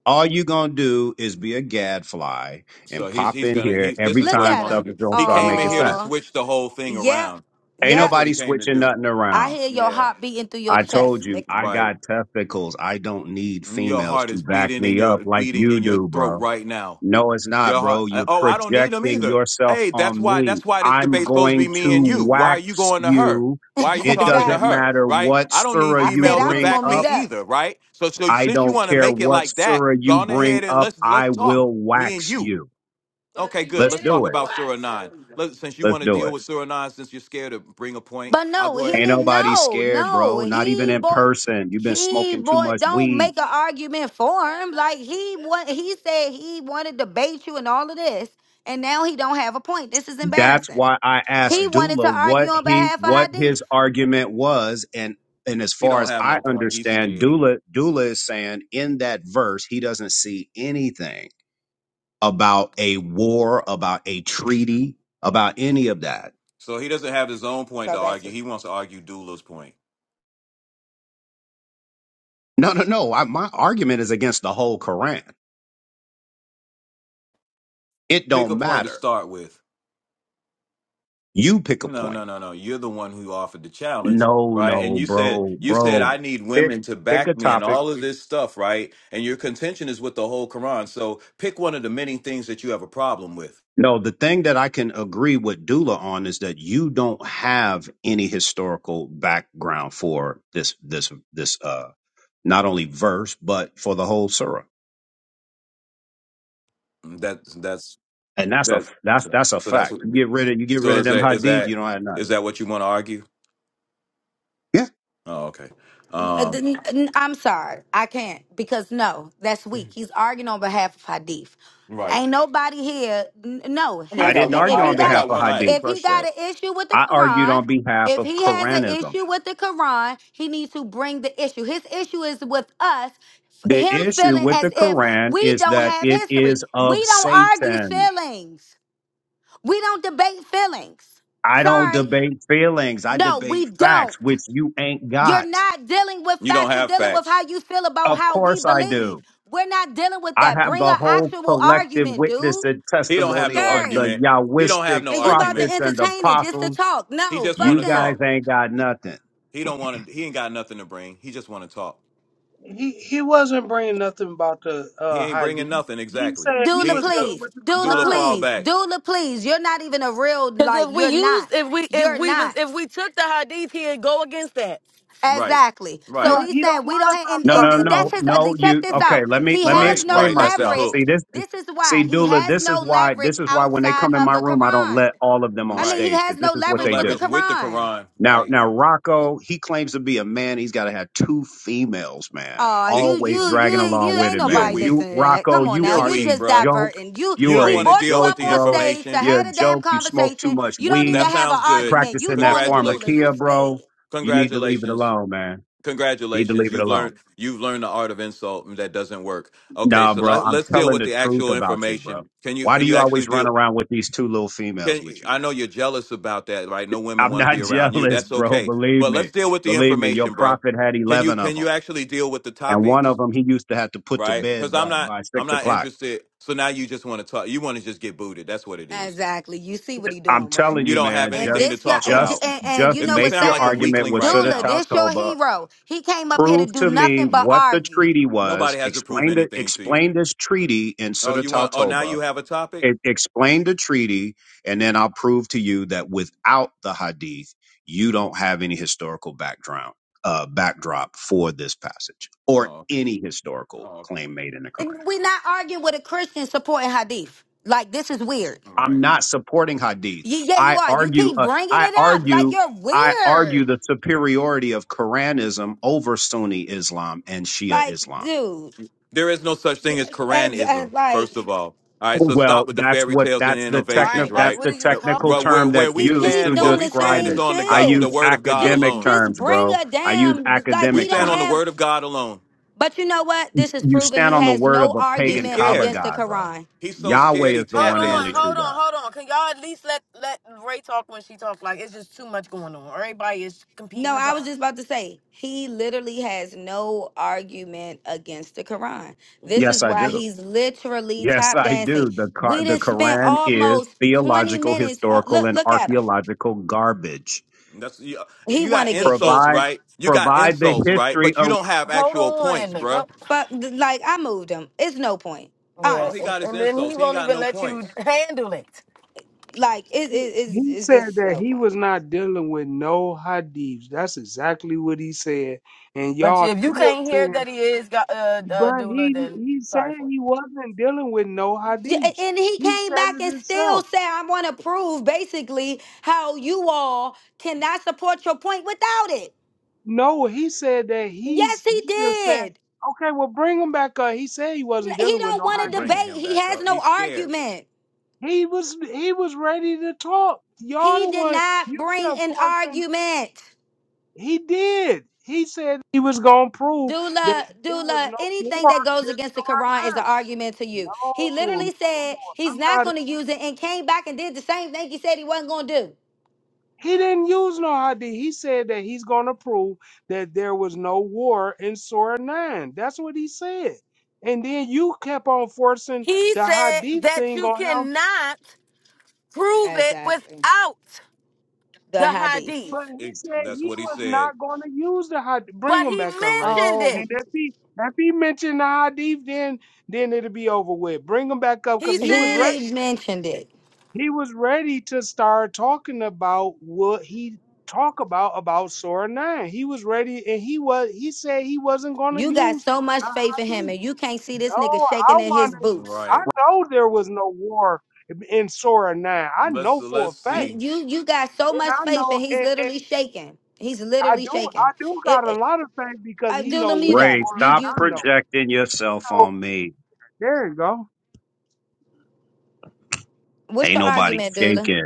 Speaker 4: All you gonna do is be a gadfly
Speaker 1: So
Speaker 4: and
Speaker 1: he's
Speaker 4: pop
Speaker 1: he's
Speaker 4: in
Speaker 1: gonna
Speaker 4: here
Speaker 1: he. This
Speaker 4: every
Speaker 1: is
Speaker 2: Look
Speaker 1: what he
Speaker 4: time
Speaker 2: at
Speaker 1: wants
Speaker 4: stuff
Speaker 1: to
Speaker 2: him.
Speaker 1: do.
Speaker 4: is gonna
Speaker 1: He
Speaker 4: start
Speaker 1: came in
Speaker 4: making
Speaker 1: here to
Speaker 4: sense.
Speaker 2: Oh,
Speaker 1: switch the whole thing
Speaker 2: yep,
Speaker 1: around.
Speaker 4: Ain't
Speaker 2: yep.
Speaker 1: That's what he
Speaker 4: nobody
Speaker 1: came to
Speaker 4: switching
Speaker 1: do.
Speaker 4: nothing
Speaker 2: I
Speaker 4: around.
Speaker 2: hear your
Speaker 1: Yeah.
Speaker 2: heart beating through your
Speaker 4: I told
Speaker 2: chest,
Speaker 4: you,
Speaker 2: Nick.
Speaker 4: I
Speaker 1: Right.
Speaker 4: got testicles. I don't need
Speaker 1: Your
Speaker 4: females
Speaker 1: heart
Speaker 4: to
Speaker 1: is
Speaker 4: back
Speaker 1: beating in
Speaker 4: me up
Speaker 1: your
Speaker 4: like
Speaker 1: beating
Speaker 4: you
Speaker 1: in your
Speaker 4: do,
Speaker 1: throat
Speaker 4: bro.
Speaker 1: right now.
Speaker 4: No, it's not,
Speaker 1: Your heart.
Speaker 4: bro.
Speaker 1: uh,
Speaker 4: You're
Speaker 1: Oh, I don't need them
Speaker 4: projecting
Speaker 1: either.
Speaker 4: yourself
Speaker 1: Hey, that's
Speaker 4: on
Speaker 1: why.
Speaker 4: me.
Speaker 1: That's why this
Speaker 4: I'm
Speaker 1: debate's supposed to be
Speaker 4: going
Speaker 1: me and
Speaker 4: to
Speaker 1: you. Why are you
Speaker 4: wax
Speaker 1: going to her?
Speaker 4: you.
Speaker 1: Why are
Speaker 2: [laughs]
Speaker 1: you
Speaker 4: It
Speaker 1: talking to
Speaker 4: doesn't
Speaker 2: exactly.
Speaker 1: her?
Speaker 4: matter
Speaker 1: Right?
Speaker 4: what
Speaker 1: I don't need
Speaker 4: surah
Speaker 2: I
Speaker 4: you
Speaker 2: said
Speaker 1: females
Speaker 2: I
Speaker 1: to
Speaker 2: was
Speaker 4: bring
Speaker 1: back
Speaker 2: gonna
Speaker 1: me
Speaker 2: mute
Speaker 4: up.
Speaker 2: up.
Speaker 1: either. Right? So, so
Speaker 4: I
Speaker 1: since you
Speaker 4: don't
Speaker 1: want to
Speaker 4: care
Speaker 1: make it
Speaker 4: what
Speaker 1: like that,
Speaker 4: surah you
Speaker 1: go on
Speaker 4: bring
Speaker 1: ahead and
Speaker 4: up.
Speaker 1: let's
Speaker 4: I
Speaker 1: let's talk.
Speaker 4: will
Speaker 1: Me and
Speaker 4: wax
Speaker 1: you.
Speaker 4: you.
Speaker 1: Okay, good.
Speaker 4: Let's
Speaker 1: Let's talk
Speaker 4: do it.
Speaker 1: about Surah Nine. Let, since you
Speaker 4: Let's
Speaker 1: want to
Speaker 4: do
Speaker 1: deal
Speaker 4: it.
Speaker 1: with Surah Nine, since you're scared to bring a point,
Speaker 2: But
Speaker 1: I'll
Speaker 2: no,
Speaker 1: go
Speaker 2: he
Speaker 1: ahead.
Speaker 4: Ain't
Speaker 2: need
Speaker 4: nobody
Speaker 2: no,
Speaker 4: scared,
Speaker 2: no.
Speaker 4: bro. Not even
Speaker 2: He
Speaker 4: in
Speaker 2: bought
Speaker 4: person. You've been
Speaker 2: he
Speaker 4: smoking too
Speaker 2: bought
Speaker 4: much
Speaker 2: don't
Speaker 4: weed.
Speaker 2: make an argument for him. Like he want he said he wanted to bait you and all of this, and now he don't have a point. This is
Speaker 4: That's
Speaker 2: embarrassing.
Speaker 4: why I asked
Speaker 1: Right.
Speaker 2: He wanted to
Speaker 4: Dula what
Speaker 2: argue on
Speaker 4: he
Speaker 2: behalf of
Speaker 4: what
Speaker 2: Hadith.
Speaker 4: his argument was, and and as
Speaker 1: He
Speaker 4: far
Speaker 1: don't
Speaker 4: as
Speaker 1: have
Speaker 4: I
Speaker 1: no point. He's
Speaker 4: understand,
Speaker 1: scared.
Speaker 4: Dula Dula is saying in that verse he doesn't see anything about a war, about a treaty, about any of that.
Speaker 1: So he doesn't have his own point
Speaker 2: So
Speaker 1: to
Speaker 2: that's it.
Speaker 1: argue. He wants to argue Dula's point.
Speaker 4: No, no, no. I, my argument is against the whole Quran. It
Speaker 1: Pick a
Speaker 4: don't
Speaker 1: point to
Speaker 4: matter.
Speaker 1: start with.
Speaker 4: You pick a
Speaker 1: No, no,
Speaker 4: point.
Speaker 1: no, no. You're the one who offered the challenge,
Speaker 4: No,
Speaker 1: right? And
Speaker 4: no,
Speaker 1: you said
Speaker 4: bro,
Speaker 1: you said
Speaker 4: bro.
Speaker 1: I need
Speaker 4: Pick
Speaker 1: women to
Speaker 4: pick a
Speaker 1: back me and
Speaker 4: topic.
Speaker 1: all of this stuff, right? And your contention is with the whole Quran. So pick one of the many things that you have a problem with.
Speaker 4: No, the thing that I can agree with Dula on is that you don't have any historical background for this this this uh not only verse but for the whole surah,
Speaker 1: That's that's
Speaker 4: and that's a
Speaker 1: that's
Speaker 4: that's
Speaker 1: so,
Speaker 4: that's a
Speaker 1: so that's
Speaker 4: fact.
Speaker 1: what.
Speaker 4: You get rid of you get rid
Speaker 1: So
Speaker 4: of
Speaker 1: is
Speaker 4: them
Speaker 1: that is
Speaker 4: hadith, you
Speaker 1: that
Speaker 4: don't have
Speaker 1: is
Speaker 4: nothing.
Speaker 1: that what you want to argue?
Speaker 4: Yeah.
Speaker 1: Oh, okay.
Speaker 2: Uh,
Speaker 1: Um,
Speaker 2: th- n- I'm sorry, I can't because no, that's weak. He's arguing on behalf of Hadith.
Speaker 1: right.
Speaker 2: Ain't nobody here. n- No,
Speaker 1: I mean, I
Speaker 2: he
Speaker 4: I
Speaker 2: said
Speaker 1: got
Speaker 4: didn't
Speaker 1: one
Speaker 2: if
Speaker 4: argue
Speaker 2: he
Speaker 4: on
Speaker 1: eye. I
Speaker 2: got a
Speaker 4: behalf
Speaker 1: got
Speaker 4: of
Speaker 1: one eye.
Speaker 4: hadith.
Speaker 2: if he
Speaker 1: Crush
Speaker 2: got
Speaker 1: that.
Speaker 2: an issue with the
Speaker 4: I argued
Speaker 2: Quran,
Speaker 4: on behalf
Speaker 2: if
Speaker 4: of
Speaker 2: he has an
Speaker 4: Quranism.
Speaker 2: issue with the Quran, he needs to bring the issue. His issue is with us. f-
Speaker 4: The
Speaker 2: Him
Speaker 4: issue
Speaker 2: feeling
Speaker 4: with
Speaker 2: as
Speaker 4: the
Speaker 2: if
Speaker 4: Quran
Speaker 2: we
Speaker 4: is
Speaker 2: don't
Speaker 4: that
Speaker 2: have
Speaker 4: it
Speaker 2: history.
Speaker 4: is of
Speaker 2: We don't argue
Speaker 4: Satan.
Speaker 2: feelings. We don't debate feelings.
Speaker 4: I don't
Speaker 2: Sorry,
Speaker 4: debate feelings. I
Speaker 2: no, we
Speaker 4: debate
Speaker 2: don't.
Speaker 4: facts, which you ain't
Speaker 2: You're
Speaker 4: got.
Speaker 2: not dealing with
Speaker 1: You don't
Speaker 2: facts. You're
Speaker 1: have
Speaker 2: dealing with
Speaker 1: facts.
Speaker 2: how you feel about
Speaker 4: Of
Speaker 2: how we
Speaker 4: course I
Speaker 2: believe.
Speaker 4: do.
Speaker 2: We're not dealing with
Speaker 4: I
Speaker 2: that.
Speaker 4: have
Speaker 2: Bring
Speaker 4: the
Speaker 2: an
Speaker 4: whole
Speaker 2: actual
Speaker 4: collective
Speaker 2: argument,
Speaker 4: witness
Speaker 2: dude.
Speaker 4: and
Speaker 1: He
Speaker 2: You
Speaker 1: don't have
Speaker 4: testimony
Speaker 1: no
Speaker 4: of the
Speaker 2: scary.
Speaker 1: argument. He don't have
Speaker 4: Yahwistic
Speaker 1: no
Speaker 2: And you about to
Speaker 1: argument.
Speaker 4: prophets and
Speaker 2: entertain it just to
Speaker 4: apostles.
Speaker 2: talk.
Speaker 1: He
Speaker 2: No,
Speaker 1: just want
Speaker 2: fuck
Speaker 4: You
Speaker 1: to
Speaker 4: guys
Speaker 1: talk.
Speaker 2: him.
Speaker 4: ain't got nothing.
Speaker 1: He don't want to. He ain't got nothing to bring. He just want to talk.
Speaker 3: He he wasn't bringing nothing about the
Speaker 1: He
Speaker 3: uh
Speaker 1: ain't bringing
Speaker 3: Hadith.
Speaker 1: nothing
Speaker 3: He
Speaker 1: exactly.
Speaker 3: said he
Speaker 2: Doula,
Speaker 1: He
Speaker 3: was
Speaker 1: so
Speaker 3: dealing
Speaker 2: please.
Speaker 3: with the
Speaker 2: Doula,
Speaker 1: Dula
Speaker 3: Quran.
Speaker 1: fall
Speaker 2: please.
Speaker 1: back.
Speaker 2: Doula, please. You're not even a real,
Speaker 5: Because
Speaker 2: like,
Speaker 5: if we
Speaker 2: you're
Speaker 5: used,
Speaker 2: not.
Speaker 5: if we, if
Speaker 2: You're
Speaker 5: we was,
Speaker 2: not.
Speaker 5: if we took the hadith here and go against that,
Speaker 1: Right,
Speaker 2: Exactly. So
Speaker 3: No,
Speaker 1: right,
Speaker 2: he's
Speaker 3: he don't
Speaker 2: saying we
Speaker 3: want
Speaker 2: don't
Speaker 3: to
Speaker 2: have,
Speaker 3: talk
Speaker 2: and,
Speaker 4: No,
Speaker 3: about
Speaker 4: no,
Speaker 3: that.
Speaker 2: and that's
Speaker 4: no,
Speaker 2: his, uh,
Speaker 4: no.
Speaker 2: check
Speaker 4: You
Speaker 2: this
Speaker 4: okay?
Speaker 2: out.
Speaker 4: Let me
Speaker 2: He
Speaker 4: let me
Speaker 2: has
Speaker 1: right,
Speaker 2: no
Speaker 4: explain
Speaker 1: right. That's his
Speaker 4: myself.
Speaker 2: leverage.
Speaker 1: hook.
Speaker 4: See this.
Speaker 2: This is
Speaker 4: See,
Speaker 2: why he
Speaker 4: Dula,
Speaker 2: has
Speaker 4: this is
Speaker 2: no
Speaker 4: why
Speaker 2: leverage
Speaker 4: this is why when they
Speaker 2: outside
Speaker 4: come in
Speaker 2: of
Speaker 4: my
Speaker 2: the
Speaker 4: room, I don't
Speaker 2: Quran.
Speaker 4: let all of them on
Speaker 2: I mean,
Speaker 1: Right.
Speaker 2: he
Speaker 4: stage
Speaker 2: has
Speaker 4: because this
Speaker 2: no
Speaker 4: is what
Speaker 1: No
Speaker 2: leverage
Speaker 4: they
Speaker 2: with
Speaker 4: do.
Speaker 2: the
Speaker 1: leverage with the
Speaker 2: Quran.
Speaker 1: Quran.
Speaker 4: Now,
Speaker 1: Right.
Speaker 4: now Rocco, he claims to be a man. He's got to have two females, man.
Speaker 2: Oh,
Speaker 1: Y-
Speaker 2: you,
Speaker 4: Always
Speaker 2: you, you,
Speaker 4: dragging along
Speaker 2: you
Speaker 4: with
Speaker 2: ain't
Speaker 4: it,
Speaker 1: You're
Speaker 2: nobody
Speaker 4: man.
Speaker 1: weak.
Speaker 4: You,
Speaker 2: listening to that.
Speaker 4: Rocco,
Speaker 2: Come on
Speaker 4: you
Speaker 2: now,
Speaker 1: You're
Speaker 4: are
Speaker 2: you
Speaker 1: weak,
Speaker 4: a
Speaker 2: just
Speaker 1: bruh.
Speaker 4: joke.
Speaker 2: diverting. You,
Speaker 1: You
Speaker 4: You are
Speaker 1: don't
Speaker 2: we
Speaker 4: a
Speaker 1: want to
Speaker 2: brought you
Speaker 1: deal
Speaker 4: joke,
Speaker 1: with
Speaker 2: up
Speaker 1: the
Speaker 2: on
Speaker 4: bro.
Speaker 2: stage to
Speaker 1: information.
Speaker 4: You're
Speaker 2: have
Speaker 4: a
Speaker 2: a damn
Speaker 4: joke. You smoke too
Speaker 2: conversation.
Speaker 4: much
Speaker 2: You don't even
Speaker 1: That
Speaker 4: weed,
Speaker 2: have an
Speaker 1: sounds good.
Speaker 2: argument. You
Speaker 4: practicing that
Speaker 2: going to doula.
Speaker 1: Congratulations.
Speaker 2: You
Speaker 4: pharmakia,
Speaker 2: scared.
Speaker 4: bro. You need to leave it
Speaker 1: Congratulations.
Speaker 4: alone, man. Need to
Speaker 1: congratulations
Speaker 4: leave it
Speaker 1: you've
Speaker 4: alone.
Speaker 1: learned you've learned the art of insult and that doesn't work okay
Speaker 4: Nah,
Speaker 1: so
Speaker 4: bro,
Speaker 1: let,
Speaker 4: I'm
Speaker 1: let's deal
Speaker 4: telling
Speaker 1: with
Speaker 4: the
Speaker 1: the
Speaker 4: truth
Speaker 1: actual
Speaker 4: about you, bro.
Speaker 1: information can you
Speaker 4: Why
Speaker 1: can
Speaker 4: do
Speaker 1: you
Speaker 4: you
Speaker 1: actually
Speaker 4: always run
Speaker 1: deal
Speaker 4: around with these two little females
Speaker 1: can
Speaker 4: with you,
Speaker 1: i
Speaker 4: man?
Speaker 1: know you're jealous about that right no women
Speaker 4: I'm
Speaker 1: want to be
Speaker 4: not [laughs]
Speaker 1: around you
Speaker 4: jealous,
Speaker 1: that's
Speaker 4: bro.
Speaker 1: okay
Speaker 4: Believe
Speaker 1: but let's
Speaker 4: me.
Speaker 1: deal with the
Speaker 4: Believe me. Your
Speaker 1: information bro
Speaker 4: prophet had
Speaker 1: can you
Speaker 4: 11
Speaker 1: can
Speaker 4: of 'em.
Speaker 1: you actually deal with the
Speaker 4: and one of
Speaker 1: topics
Speaker 4: them he used to have to put to
Speaker 1: right
Speaker 4: bed
Speaker 1: because i'm
Speaker 4: by,
Speaker 1: not
Speaker 4: by
Speaker 1: i'm
Speaker 4: six
Speaker 1: not
Speaker 4: o'clock.
Speaker 1: interested so now you just want to talk you want to just get booted that's what it is
Speaker 2: Exactly. You see what he
Speaker 4: I'm
Speaker 2: doing, right?
Speaker 4: telling
Speaker 1: you
Speaker 4: you,
Speaker 1: don't have
Speaker 4: man,
Speaker 2: And
Speaker 1: anything
Speaker 4: just
Speaker 1: to
Speaker 2: this, y'all,
Speaker 1: talk
Speaker 2: and,
Speaker 4: just
Speaker 1: about
Speaker 2: and and
Speaker 4: just
Speaker 2: you
Speaker 1: If
Speaker 2: know
Speaker 1: you
Speaker 2: what's
Speaker 4: make
Speaker 1: sound
Speaker 4: your
Speaker 1: like a
Speaker 2: sad,
Speaker 4: argument
Speaker 1: weakling
Speaker 4: with
Speaker 1: right
Speaker 4: Sutta
Speaker 2: doula.
Speaker 1: now
Speaker 2: This your
Speaker 4: Talcoba.
Speaker 2: hero. He came up here to
Speaker 4: Prove
Speaker 2: do
Speaker 4: to me
Speaker 2: nothing but
Speaker 4: what the
Speaker 2: argue.
Speaker 4: treaty was.
Speaker 1: nobody has to prove
Speaker 4: Explain the
Speaker 1: anything to you
Speaker 4: explain this treaty in
Speaker 1: oh
Speaker 4: Sutta
Speaker 1: you want oh now
Speaker 4: Talcoba.
Speaker 1: you have a topic
Speaker 4: It, explain the treaty, and then I'll prove to you that without the Hadith, you don't have any historical background uh, backdrop for this passage or
Speaker 1: Oh, okay.
Speaker 4: any historical
Speaker 1: Oh, okay.
Speaker 4: claim made in the Quran.
Speaker 2: And we not arguing with a Christian supporting Hadith. Like this is weird.
Speaker 1: All
Speaker 4: I'm
Speaker 1: right.
Speaker 4: not supporting Hadith.
Speaker 2: You, yeah, you
Speaker 4: I
Speaker 2: are. You
Speaker 4: argue,
Speaker 2: keep
Speaker 4: uh,
Speaker 2: bringing
Speaker 4: I
Speaker 2: it up like
Speaker 4: argue,
Speaker 2: you're
Speaker 4: I
Speaker 2: weird.
Speaker 4: argue the superiority of Quranism over Sunni Islam and Shia
Speaker 2: Like,
Speaker 4: Islam.
Speaker 2: dude,
Speaker 1: There is no such
Speaker 2: d-
Speaker 1: thing as
Speaker 2: uh, uh,
Speaker 1: Quranism, first
Speaker 2: like
Speaker 1: of all. All right. So
Speaker 4: Well,
Speaker 1: stop with the
Speaker 4: that's
Speaker 1: fairy
Speaker 4: what
Speaker 1: tales and
Speaker 4: that's the
Speaker 1: innovations,
Speaker 4: technical
Speaker 5: Right.
Speaker 4: that's
Speaker 5: Like,
Speaker 1: right?
Speaker 5: what
Speaker 4: the
Speaker 5: are you
Speaker 1: Uh,
Speaker 4: technical
Speaker 5: talking
Speaker 1: Where where
Speaker 4: term
Speaker 5: about?
Speaker 1: where
Speaker 4: that's
Speaker 1: we
Speaker 2: he
Speaker 4: used
Speaker 2: keep
Speaker 4: to
Speaker 1: stand, where
Speaker 2: doing
Speaker 1: we
Speaker 2: the
Speaker 1: stand
Speaker 4: describe
Speaker 2: same
Speaker 1: is
Speaker 4: it.
Speaker 1: on the
Speaker 4: I
Speaker 1: God,
Speaker 4: use
Speaker 1: the
Speaker 2: shit.
Speaker 1: Word of God
Speaker 2: Just,
Speaker 4: academic
Speaker 1: alone.
Speaker 2: just
Speaker 4: terms,
Speaker 2: bring
Speaker 4: bro.
Speaker 2: a
Speaker 4: I use
Speaker 2: damn. Like
Speaker 1: We
Speaker 2: he
Speaker 4: academic
Speaker 2: don't
Speaker 1: stand on the
Speaker 4: terms.
Speaker 2: have.
Speaker 1: Word of God alone.
Speaker 2: But you know what? This is
Speaker 4: You
Speaker 2: proven
Speaker 4: stand
Speaker 2: he
Speaker 4: on the
Speaker 2: has
Speaker 4: word
Speaker 2: no
Speaker 4: of a
Speaker 1: He's
Speaker 4: pagan
Speaker 2: argument
Speaker 4: Kaaba
Speaker 1: scared.
Speaker 2: against the
Speaker 4: god, bro.
Speaker 2: Quran.
Speaker 1: He's so scared.
Speaker 4: Yahweh
Speaker 1: He
Speaker 4: is the
Speaker 5: Hold
Speaker 1: tap
Speaker 4: one and only
Speaker 5: on,
Speaker 1: dancing.
Speaker 4: true
Speaker 5: hold on,
Speaker 4: God.
Speaker 5: hold on. Can y'all at least let let Ray talk when she talk? Like it's just too much going on. Everybody is competing
Speaker 2: No,
Speaker 5: to
Speaker 2: I was
Speaker 5: talk.
Speaker 2: just about to say he literally has no argument against the Quran. This
Speaker 1: Nope.
Speaker 5: hmm
Speaker 4: Yes,
Speaker 2: is
Speaker 4: I
Speaker 2: why
Speaker 4: do.
Speaker 2: he's literally
Speaker 4: Yes,
Speaker 2: top
Speaker 4: I
Speaker 2: dancing.
Speaker 4: do. The
Speaker 2: We
Speaker 4: Qu- the
Speaker 2: didn't spend
Speaker 4: Quran is
Speaker 2: almost twenty
Speaker 4: theological,
Speaker 2: minutes on.
Speaker 4: historical,
Speaker 2: Look,
Speaker 4: and
Speaker 2: look at him.
Speaker 4: archaeological garbage.
Speaker 1: That's you,
Speaker 2: He
Speaker 1: you
Speaker 2: want
Speaker 1: got
Speaker 2: to get
Speaker 1: insults,
Speaker 4: Provide
Speaker 2: kicked.
Speaker 1: right? You got
Speaker 4: provide the
Speaker 1: insults, right?
Speaker 4: history
Speaker 1: But you
Speaker 4: of
Speaker 1: don't have
Speaker 5: Hold
Speaker 1: actual points,
Speaker 5: on,
Speaker 1: bruh.
Speaker 5: go.
Speaker 2: Fuck, th- like I moved him. It's no point,
Speaker 1: Oh,
Speaker 5: Yeah,
Speaker 1: he
Speaker 2: honestly.
Speaker 5: and,
Speaker 1: got his
Speaker 5: and then he
Speaker 1: insults. He ain't
Speaker 5: won't
Speaker 1: got
Speaker 5: even
Speaker 1: no
Speaker 5: let you
Speaker 1: points.
Speaker 5: handle it.
Speaker 2: Like it, it,
Speaker 3: He,
Speaker 2: it is,
Speaker 3: he
Speaker 2: it's
Speaker 3: said
Speaker 2: just
Speaker 3: that
Speaker 2: no
Speaker 3: he
Speaker 2: point.
Speaker 3: was not dealing with no Hadiths. That's exactly what he said. And
Speaker 5: But
Speaker 3: y'all
Speaker 5: if you
Speaker 3: still
Speaker 5: can't hear
Speaker 3: saying,
Speaker 5: that he is got uh, uh
Speaker 3: but
Speaker 5: doula,
Speaker 3: he
Speaker 5: then
Speaker 3: he said
Speaker 5: sorry for you.
Speaker 3: he wasn't dealing with no
Speaker 2: J-
Speaker 3: Hadiths.
Speaker 2: And he
Speaker 3: He
Speaker 2: came
Speaker 3: said
Speaker 2: back
Speaker 3: it
Speaker 2: and still
Speaker 3: himself.
Speaker 2: said, "I want to prove basically how you all cannot support your point without it."
Speaker 3: No, he said that
Speaker 2: Yes,
Speaker 3: he's he
Speaker 2: he
Speaker 3: just said,
Speaker 2: did.
Speaker 3: okay, well bring him back up. He said he
Speaker 2: N-
Speaker 3: wasn't
Speaker 2: He
Speaker 3: dealing with
Speaker 2: don't
Speaker 3: no
Speaker 1: You
Speaker 2: want
Speaker 1: ain't
Speaker 2: to
Speaker 3: Hadiths.
Speaker 1: bringing
Speaker 2: debate.
Speaker 1: him
Speaker 2: He
Speaker 1: back
Speaker 2: has
Speaker 1: up.
Speaker 2: no
Speaker 1: He's scared.
Speaker 2: argument.
Speaker 3: He was he was ready to talk. Y'all
Speaker 2: He
Speaker 3: the
Speaker 2: did
Speaker 3: one
Speaker 2: not
Speaker 3: you
Speaker 2: bring
Speaker 3: kept
Speaker 2: an
Speaker 3: forcing.
Speaker 2: argument.
Speaker 3: He did. He said he was gonna prove that it
Speaker 2: Dula,
Speaker 3: was
Speaker 2: Dula,
Speaker 3: no
Speaker 2: anything
Speaker 3: war.
Speaker 2: that goes
Speaker 3: this
Speaker 2: against the Quran is
Speaker 3: time.
Speaker 2: an argument to you. He
Speaker 3: No, no,
Speaker 2: literally said he's
Speaker 3: I'm
Speaker 2: not
Speaker 3: not.
Speaker 2: going to use it and came back and did the same thing he said he wasn't going to do.
Speaker 3: He didn't use no idea. He said that he's gonna prove that there was no war in Surah Nine. That's what he said. And then you kept on forcing
Speaker 5: He
Speaker 3: the
Speaker 5: said
Speaker 3: Hadith
Speaker 5: that
Speaker 3: thing
Speaker 5: you
Speaker 3: on him
Speaker 5: cannot prove it
Speaker 2: Exactly.
Speaker 5: without
Speaker 2: The
Speaker 5: the
Speaker 2: hadith.
Speaker 5: hadith.
Speaker 3: But he
Speaker 1: It,
Speaker 3: said
Speaker 1: that's
Speaker 3: he
Speaker 1: what he
Speaker 3: was
Speaker 1: said.
Speaker 3: not going to use the had Bring
Speaker 5: But
Speaker 3: him
Speaker 5: he
Speaker 3: back up, Ray.
Speaker 5: mentioned
Speaker 2: Oh,
Speaker 3: And
Speaker 5: it.
Speaker 3: if he if he mentioned the hadith, then then it'll be over with. Bring him back up because
Speaker 5: He
Speaker 3: he was
Speaker 5: said it.
Speaker 3: ready.
Speaker 2: he mentioned it.
Speaker 3: He was ready to start talking about what he talk about about Surah Nine. He was ready, and he was. He said he wasn't going to
Speaker 2: You got
Speaker 3: use
Speaker 2: so much
Speaker 3: the
Speaker 2: faith in him
Speaker 3: hadith.
Speaker 2: and you can't see this nigga
Speaker 3: No, I
Speaker 2: shaking in his
Speaker 3: wanted.
Speaker 2: boots.
Speaker 3: I
Speaker 1: Right.
Speaker 3: know there was no war in Surah Nine. I
Speaker 1: Let's
Speaker 3: know for a
Speaker 1: let's
Speaker 2: You
Speaker 3: fact,
Speaker 1: see.
Speaker 2: you you got so
Speaker 3: and
Speaker 2: much
Speaker 3: I
Speaker 2: faith
Speaker 3: know.
Speaker 2: and he's
Speaker 3: and.
Speaker 2: literally shaking. He's
Speaker 3: I
Speaker 2: literally
Speaker 3: do I
Speaker 2: shaking.
Speaker 3: do
Speaker 2: It,
Speaker 3: got a
Speaker 2: it,
Speaker 3: lot of things because
Speaker 2: uh,
Speaker 3: he
Speaker 2: Dula,
Speaker 3: know way
Speaker 2: mute up.
Speaker 4: Ray.
Speaker 3: more
Speaker 2: You
Speaker 3: than
Speaker 4: Stop
Speaker 2: you
Speaker 3: I know.
Speaker 4: projecting yourself
Speaker 3: So
Speaker 4: on me.
Speaker 3: there you go.
Speaker 2: what's
Speaker 4: Ain't
Speaker 2: your
Speaker 4: nobody
Speaker 2: argument, Dula?
Speaker 4: shaking.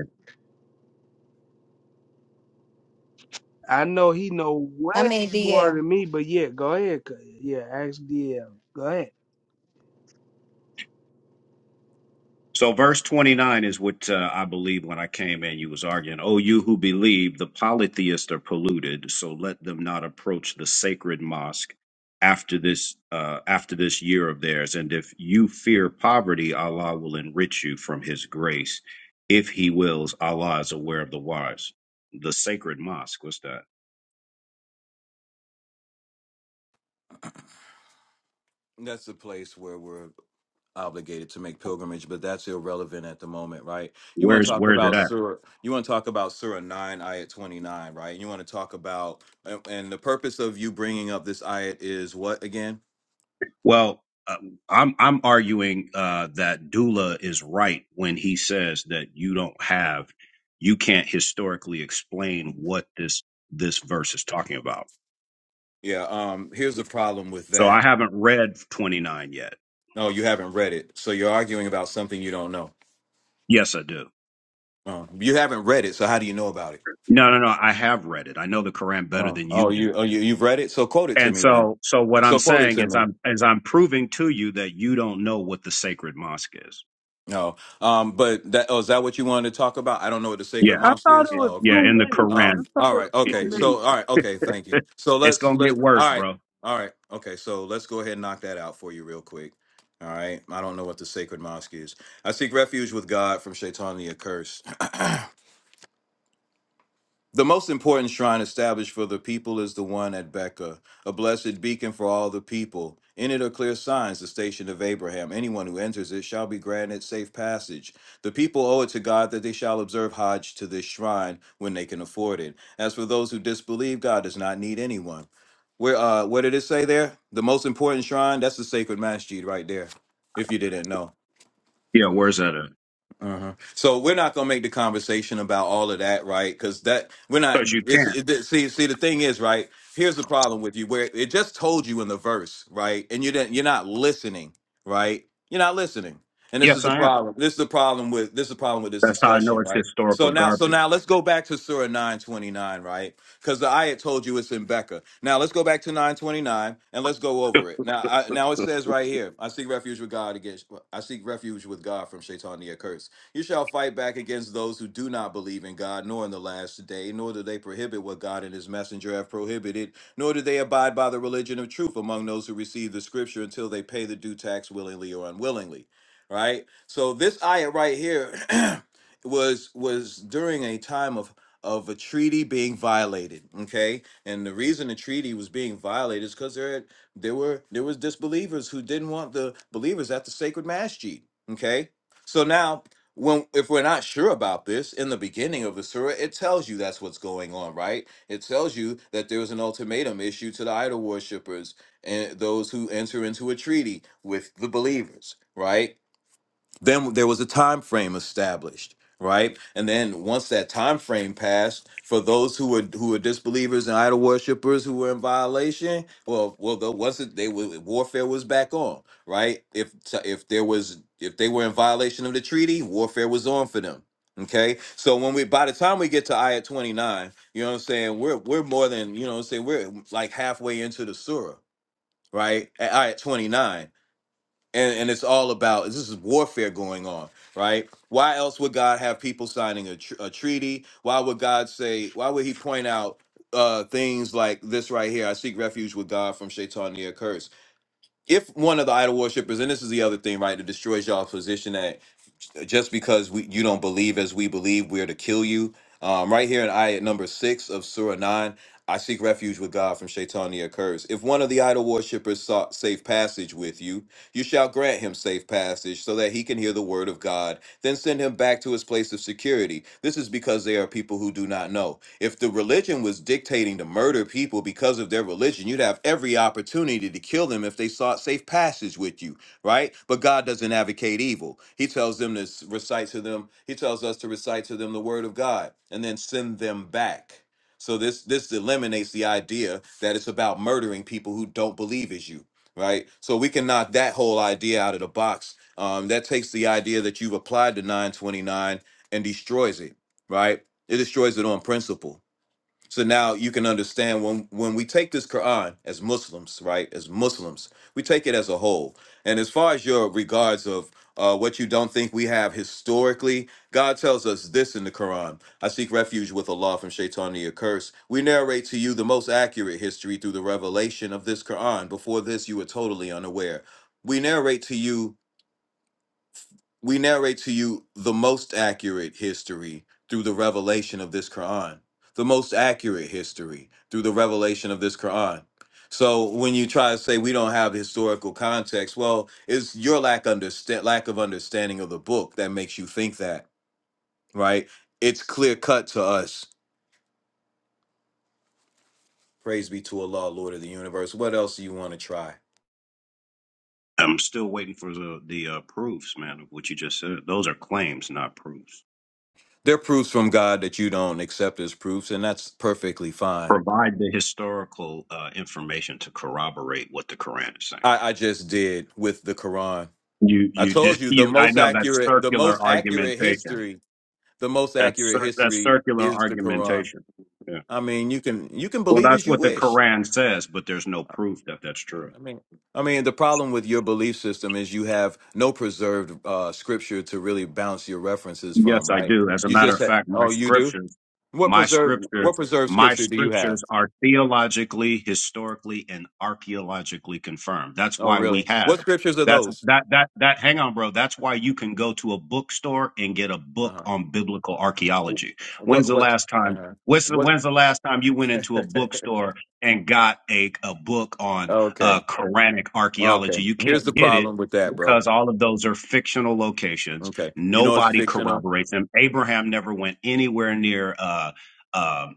Speaker 3: I know he know
Speaker 2: I
Speaker 3: way
Speaker 2: mean
Speaker 3: more
Speaker 2: DL.
Speaker 3: than me, but yeah, go ahead. Cuz. Yeah, ask DL. Go ahead.
Speaker 4: So verse 29 is what uh, I believe when I came in, you was arguing, oh, you who believe the polytheists are polluted, so let them not approach the sacred mosque after this uh, after this year of theirs. And if you fear poverty, Allah will enrich you from his grace. If he wills, Allah is aware of the wise. The sacred mosque, what's that?
Speaker 1: That's a place where we're obligated to make pilgrimage, but that's irrelevant at the moment, right? You want to
Speaker 4: Where's
Speaker 1: talk
Speaker 4: where's it
Speaker 1: about
Speaker 4: at?
Speaker 1: Surah? You want to talk about Surah nine, ayat twenty nine, right? You want to talk about and and the purpose of you bringing up this ayat is what again?
Speaker 4: Well, uh, I'm I'm arguing uh, that Dula is right when he says that you don't have, you can't historically explain what this this verse is talking about.
Speaker 1: Yeah. Um. Here's the problem with
Speaker 4: So I
Speaker 1: that.
Speaker 4: haven't read 29 yet.
Speaker 1: No, you haven't read it, so you're arguing about something you don't know.
Speaker 4: Yes, I do.
Speaker 1: Um, you haven't read it, so how do you know about it?
Speaker 4: No, no, no. I have read it. I know the Quran better
Speaker 1: Oh,
Speaker 4: than you
Speaker 1: oh,
Speaker 4: do.
Speaker 1: you, oh, you, you've read it, so quote it to
Speaker 4: And
Speaker 1: me then.
Speaker 4: so, so what I'm
Speaker 1: So quote it
Speaker 4: saying
Speaker 1: to
Speaker 4: is,
Speaker 1: me.
Speaker 4: I'm is I'm proving to you that you don't know what the sacred mosque is.
Speaker 1: No. Um, but that oh, is that what you wanted to talk about? I don't know what the sacred
Speaker 4: Yeah,
Speaker 3: I
Speaker 1: mosque
Speaker 3: thought
Speaker 1: is.
Speaker 3: it
Speaker 4: it,
Speaker 3: was
Speaker 1: Oh,
Speaker 4: yeah.
Speaker 1: okay.
Speaker 3: two
Speaker 4: In the
Speaker 3: minutes. I
Speaker 1: Um,
Speaker 4: Quran,
Speaker 3: thought
Speaker 1: all
Speaker 3: it
Speaker 1: right,
Speaker 3: was two
Speaker 4: it,
Speaker 1: okay. So
Speaker 3: minutes.
Speaker 1: all right, okay, thank you.
Speaker 4: it,
Speaker 1: So
Speaker 4: [laughs] it's
Speaker 1: let's
Speaker 4: gonna get
Speaker 1: let all
Speaker 4: worse,
Speaker 1: right,
Speaker 4: bro.
Speaker 1: all right, okay. So let's go ahead and knock that out for you real quick. All right. I don't know what the sacred mosque is. I seek refuge with God from Shaitan the accursed. [clears throat] The most important shrine established for the people is the one at Becca, a blessed beacon for all the people. In it are clear signs, the station of Abraham. Anyone who enters it shall be granted safe passage. The people owe it to God that they shall observe Hajj to this shrine when they can afford it. As for those who disbelieve, God does not need anyone. Where, uh, what did it say there? The most important shrine? That's the sacred masjid right there, if you didn't know.
Speaker 4: Yeah, where's that at?
Speaker 1: Uh-huh. So we're not gonna make the conversation about all of that, right? Because that we're not.
Speaker 4: Because you
Speaker 1: It's
Speaker 4: can't.
Speaker 1: it, it- see see the thing is right. Here's the problem with you where it just told you in the verse, right? And you didn't. You're not listening, right? You're not listening, and this is
Speaker 4: Yes,
Speaker 1: the
Speaker 4: I am.
Speaker 1: problem. This is the problem with this is the problem with this
Speaker 4: That's how I know
Speaker 1: discussion,
Speaker 4: it's
Speaker 1: right?
Speaker 4: historical
Speaker 1: So now so now
Speaker 4: garbage.
Speaker 1: let's go back to Surah 929, right? Because the ayat told you it's in Becca. Now let's go back to 929 and let's go over it. Now I, now it says right here, I seek refuge with God against I seek refuge with God from Shaitan the accursed. You shall fight back against those who do not believe in God, nor in the last day, nor do they prohibit what God and his messenger have prohibited, nor do they abide by the religion of truth among those who receive the scripture until they pay the due tax willingly or unwillingly. Right? So this ayah right here [clears throat] was was during a time of of a treaty being violated. Okay. And the reason the treaty was being violated is because there had, there were there was disbelievers who didn't want the believers at the sacred masjid. Okay. So now when if we're not sure about this in the beginning of the surah it tells you that's what's going on right it tells you that there was an ultimatum issued to the idol worshippers and those who enter into a treaty with the believers right then there was a time frame established right and then once that time frame passed for those who were who were disbelievers and idol worshippers who were in violation well well there wasn't they were warfare was back on right if if there was if they were in violation of the treaty warfare was on for them okay so when we by the time we get to ayah 29 you know what i'm saying we're we're more than you know what i'm saying we're like halfway into the surah right at ayah 29 and and it's all about this is warfare going on right why else would god have people signing a, tr- a treaty why would god say why would he point out uh things like this right here i seek refuge with god from shaitan near curse if one of the idol worshippers and this is the other thing right that destroys you alls position just because we you don't believe as we believe, we are to kill you. Um, right here in ayat number six of Surah 9, I seek refuge with God from Shaitania curse. If one of the idol worshippers sought safe passage with you, you shall grant him safe passage so that he can hear the word of God, then send him back to his place of security. This is because they are people who do not know. If the religion was dictating to murder people because of their religion, you'd have every opportunity to kill them if they sought safe passage with you right? But God doesn't advocate evil. He tells them to s- recite to them, he tells us to recite to them the word of God and then send them back. So this this eliminates the idea that it's about murdering people who don't believe as you, right? So we can knock that whole idea out of the box. Um, that takes the idea that you've applied to 929 and destroys it, right? It destroys it on principle so now you can understand when when we take this Quran as Muslims, right? As Muslims, we take it as a whole. And as far as your regards of uh, what you don't think we have historically, God tells us this in the Quran: "I seek refuge with Allah from Shaitan curse." We narrate to you the most accurate history through the revelation of this Quran. Before this, you were totally unaware. We narrate to you we narrate to you the most accurate history through the revelation of this Quran, the most accurate history through the revelation of this Quran. So when you try to say we don't have historical context, well, it's your lack understand lack of understanding of the book that makes you think that, right? It's clear cut to us. Praise be to Allah, Lord of the universe. What else do you want to try?
Speaker 4: I'm still waiting for the the uh, proofs, man, of what you just said. Those are claims, not proofs.
Speaker 1: There are proofs from God that you don't accept as proofs, and that's perfectly fine.
Speaker 4: Provide the Historical uh, information to corroborate what the Quran is saying.
Speaker 1: I, I just did with the Quran.
Speaker 4: you
Speaker 1: I
Speaker 4: you did
Speaker 1: told
Speaker 4: [laughs]
Speaker 1: you the
Speaker 4: you. I
Speaker 1: most
Speaker 4: know that's
Speaker 1: accurate, the
Speaker 4: circular
Speaker 1: most accurate
Speaker 4: argumentation.
Speaker 1: history, the most
Speaker 4: That's
Speaker 1: accurate
Speaker 4: cir- that's
Speaker 1: history
Speaker 4: circular
Speaker 1: is the Quran.
Speaker 4: argumentation. Yeah.
Speaker 1: I mean, you can you can
Speaker 4: Well,
Speaker 1: believe
Speaker 4: that's
Speaker 1: as you
Speaker 4: what the
Speaker 1: wish.
Speaker 4: Quran Says, but there's no proof that that's true.
Speaker 1: I mean, I mean, the problem with your belief system is you have no preserved uh, scripture to really bounce your references from,
Speaker 4: Yes, I
Speaker 1: right?
Speaker 4: do. As a
Speaker 1: You
Speaker 4: matter
Speaker 1: just
Speaker 4: of
Speaker 1: said,
Speaker 4: fact, my
Speaker 1: oh, you do.
Speaker 4: scriptures,
Speaker 1: What
Speaker 4: my
Speaker 1: preserved what
Speaker 4: scriptures,
Speaker 1: preserved
Speaker 4: my
Speaker 1: scripture do you have?
Speaker 4: scriptures are theologically, historically, and archaeologically confirmed. That's
Speaker 1: Oh,
Speaker 4: why we
Speaker 1: really?
Speaker 4: have
Speaker 1: What scriptures are
Speaker 4: that's
Speaker 1: those?
Speaker 4: that that that hang on, bro. That's why you can go to a bookstore and get a
Speaker 1: Uh
Speaker 4: book on biblical
Speaker 1: huh.
Speaker 4: archaeology. When's
Speaker 1: What
Speaker 4: the
Speaker 1: what?
Speaker 4: last
Speaker 1: Uh
Speaker 4: time?
Speaker 1: huh.
Speaker 4: When's the,
Speaker 1: What?
Speaker 4: when's the last time you went
Speaker 1: [laughs]
Speaker 4: into a bookstore and got a, a book on
Speaker 1: okay.
Speaker 4: uh, Quranic
Speaker 1: Okay.
Speaker 4: archaeology? You
Speaker 1: Here's the
Speaker 4: can't get it
Speaker 1: problem with that, bro
Speaker 4: because all of those are fictional locations
Speaker 1: Okay. You know it's
Speaker 4: Nobody
Speaker 1: fictional.
Speaker 4: corroborates him. Abraham never went anywhere near uh, uh,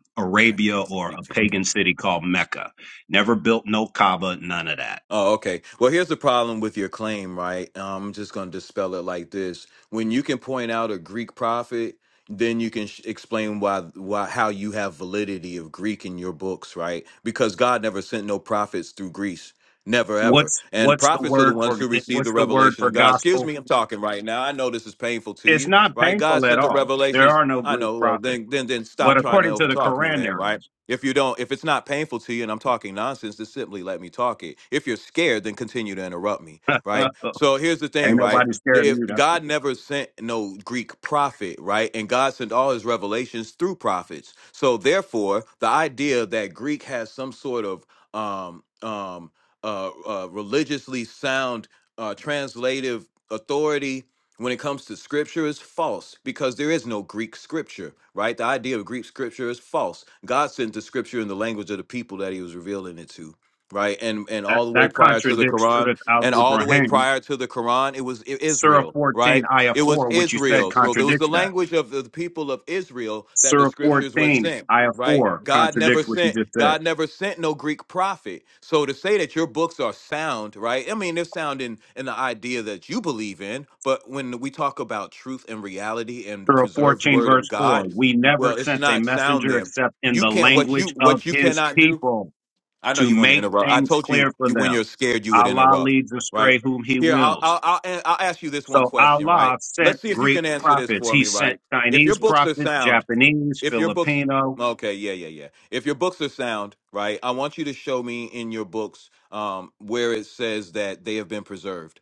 Speaker 1: Now He
Speaker 4: Arabia
Speaker 1: wants to
Speaker 4: or
Speaker 1: keep
Speaker 4: a
Speaker 1: talking.
Speaker 4: pagan city called Mecca. Never built no Kaaba, none of that.
Speaker 1: Oh, okay. Well, here's the problem with your claim, right? Um, I'm just going to dispel it like this: when you can point out a Greek prophet, then you can sh- explain why, why, how you have validity of Greek in your books, right? Because God never sent no prophets through Greece, never ever.
Speaker 4: What's
Speaker 1: And
Speaker 4: what's the
Speaker 1: prophets are the
Speaker 4: word
Speaker 1: ones
Speaker 4: for
Speaker 1: who receive the
Speaker 4: what's the word
Speaker 1: revelation
Speaker 4: for
Speaker 1: of God. Excuse
Speaker 4: gospel?
Speaker 1: me, I'm talking right now. I know this is painful to
Speaker 4: It's
Speaker 1: you,
Speaker 4: not
Speaker 1: right? God
Speaker 4: painful at
Speaker 1: sent the
Speaker 4: all. There
Speaker 1: revelations.
Speaker 4: are no
Speaker 1: I
Speaker 4: Greek
Speaker 1: know. Well,
Speaker 4: prophets,
Speaker 1: then, then, then
Speaker 4: but
Speaker 1: stop trying to
Speaker 4: according to the
Speaker 1: overtalk me,
Speaker 4: Quran,
Speaker 1: then,
Speaker 4: there
Speaker 1: right?
Speaker 4: is.
Speaker 1: If you don't, if it's not painful to you and I'm talking nonsense, just simply let me talk it. If you're scared, then continue to interrupt me,
Speaker 4: [laughs]
Speaker 1: right? So here's the
Speaker 4: Ain't
Speaker 1: thing, right?
Speaker 4: nobody scared of
Speaker 1: If
Speaker 4: you. That's for
Speaker 1: God
Speaker 4: sure.
Speaker 1: never sent no Greek prophet, right? And God sent all his revelations through prophets. So therefore, the idea that Greek has some sort of um um uh, uh religiously sound uh translative authority when it comes to scripture is false because there is no Greek scripture, right? The idea of Greek scripture is false. God sent the scripture in the language of the people that he was revealing it to, right? And and
Speaker 4: That
Speaker 1: all the way
Speaker 4: that
Speaker 1: prior to the
Speaker 4: contradicts
Speaker 1: Quran,
Speaker 4: Surah Al
Speaker 1: and all the way
Speaker 4: Ibrahim,
Speaker 1: prior to the Quran, it was I-
Speaker 4: Surah
Speaker 1: Israel,
Speaker 4: fourteen,
Speaker 1: right?
Speaker 4: Ayah
Speaker 1: It was
Speaker 4: four, which you said
Speaker 1: Israel. So there was the
Speaker 4: contradicts that.
Speaker 1: language of the people of Israel that the
Speaker 4: Surah
Speaker 1: scriptures were
Speaker 4: 14,
Speaker 1: sent
Speaker 4: Ayah
Speaker 1: right?
Speaker 4: 4
Speaker 1: God never
Speaker 4: contradicts what you
Speaker 1: sent
Speaker 4: just said.
Speaker 1: God never sent no Greek prophet. So to say that your books are sound, right? I mean, they're sound in, in the idea that you believe in, but when we talk about truth and reality and the
Speaker 4: Surah
Speaker 1: preserved
Speaker 4: 14,
Speaker 1: word of
Speaker 4: verse 4
Speaker 1: God,
Speaker 4: We never
Speaker 1: well, it's
Speaker 4: sent a
Speaker 1: not sound
Speaker 4: messenger
Speaker 1: there.
Speaker 4: except in
Speaker 1: You
Speaker 4: the
Speaker 1: can't what you
Speaker 4: language of
Speaker 1: what you
Speaker 4: his
Speaker 1: cannot do.
Speaker 4: people
Speaker 1: I know
Speaker 4: to
Speaker 1: you want to
Speaker 4: make
Speaker 1: interrupt. I
Speaker 4: things
Speaker 1: told you,
Speaker 4: clear for
Speaker 1: you when
Speaker 4: them.
Speaker 1: you're scared, you would
Speaker 4: Allah
Speaker 1: interrupt,
Speaker 4: leads
Speaker 1: right?
Speaker 4: astray whom he
Speaker 1: Here, I'll
Speaker 4: wills.
Speaker 1: I'll, I'll I'll ask you this one
Speaker 4: So
Speaker 1: question,
Speaker 4: Allah
Speaker 1: right? Let's
Speaker 4: sent
Speaker 1: see if you
Speaker 4: Greek
Speaker 1: can answer this
Speaker 4: prophets.
Speaker 1: for
Speaker 4: He
Speaker 1: me,
Speaker 4: sent
Speaker 1: right? If your
Speaker 4: Chinese
Speaker 1: books are
Speaker 4: prophets,
Speaker 1: sound,
Speaker 4: Japanese,
Speaker 1: if your books
Speaker 4: Filipino,
Speaker 1: okay yeah yeah yeah if your books are sound right i want you to show me in your books um where it says that they have been preserved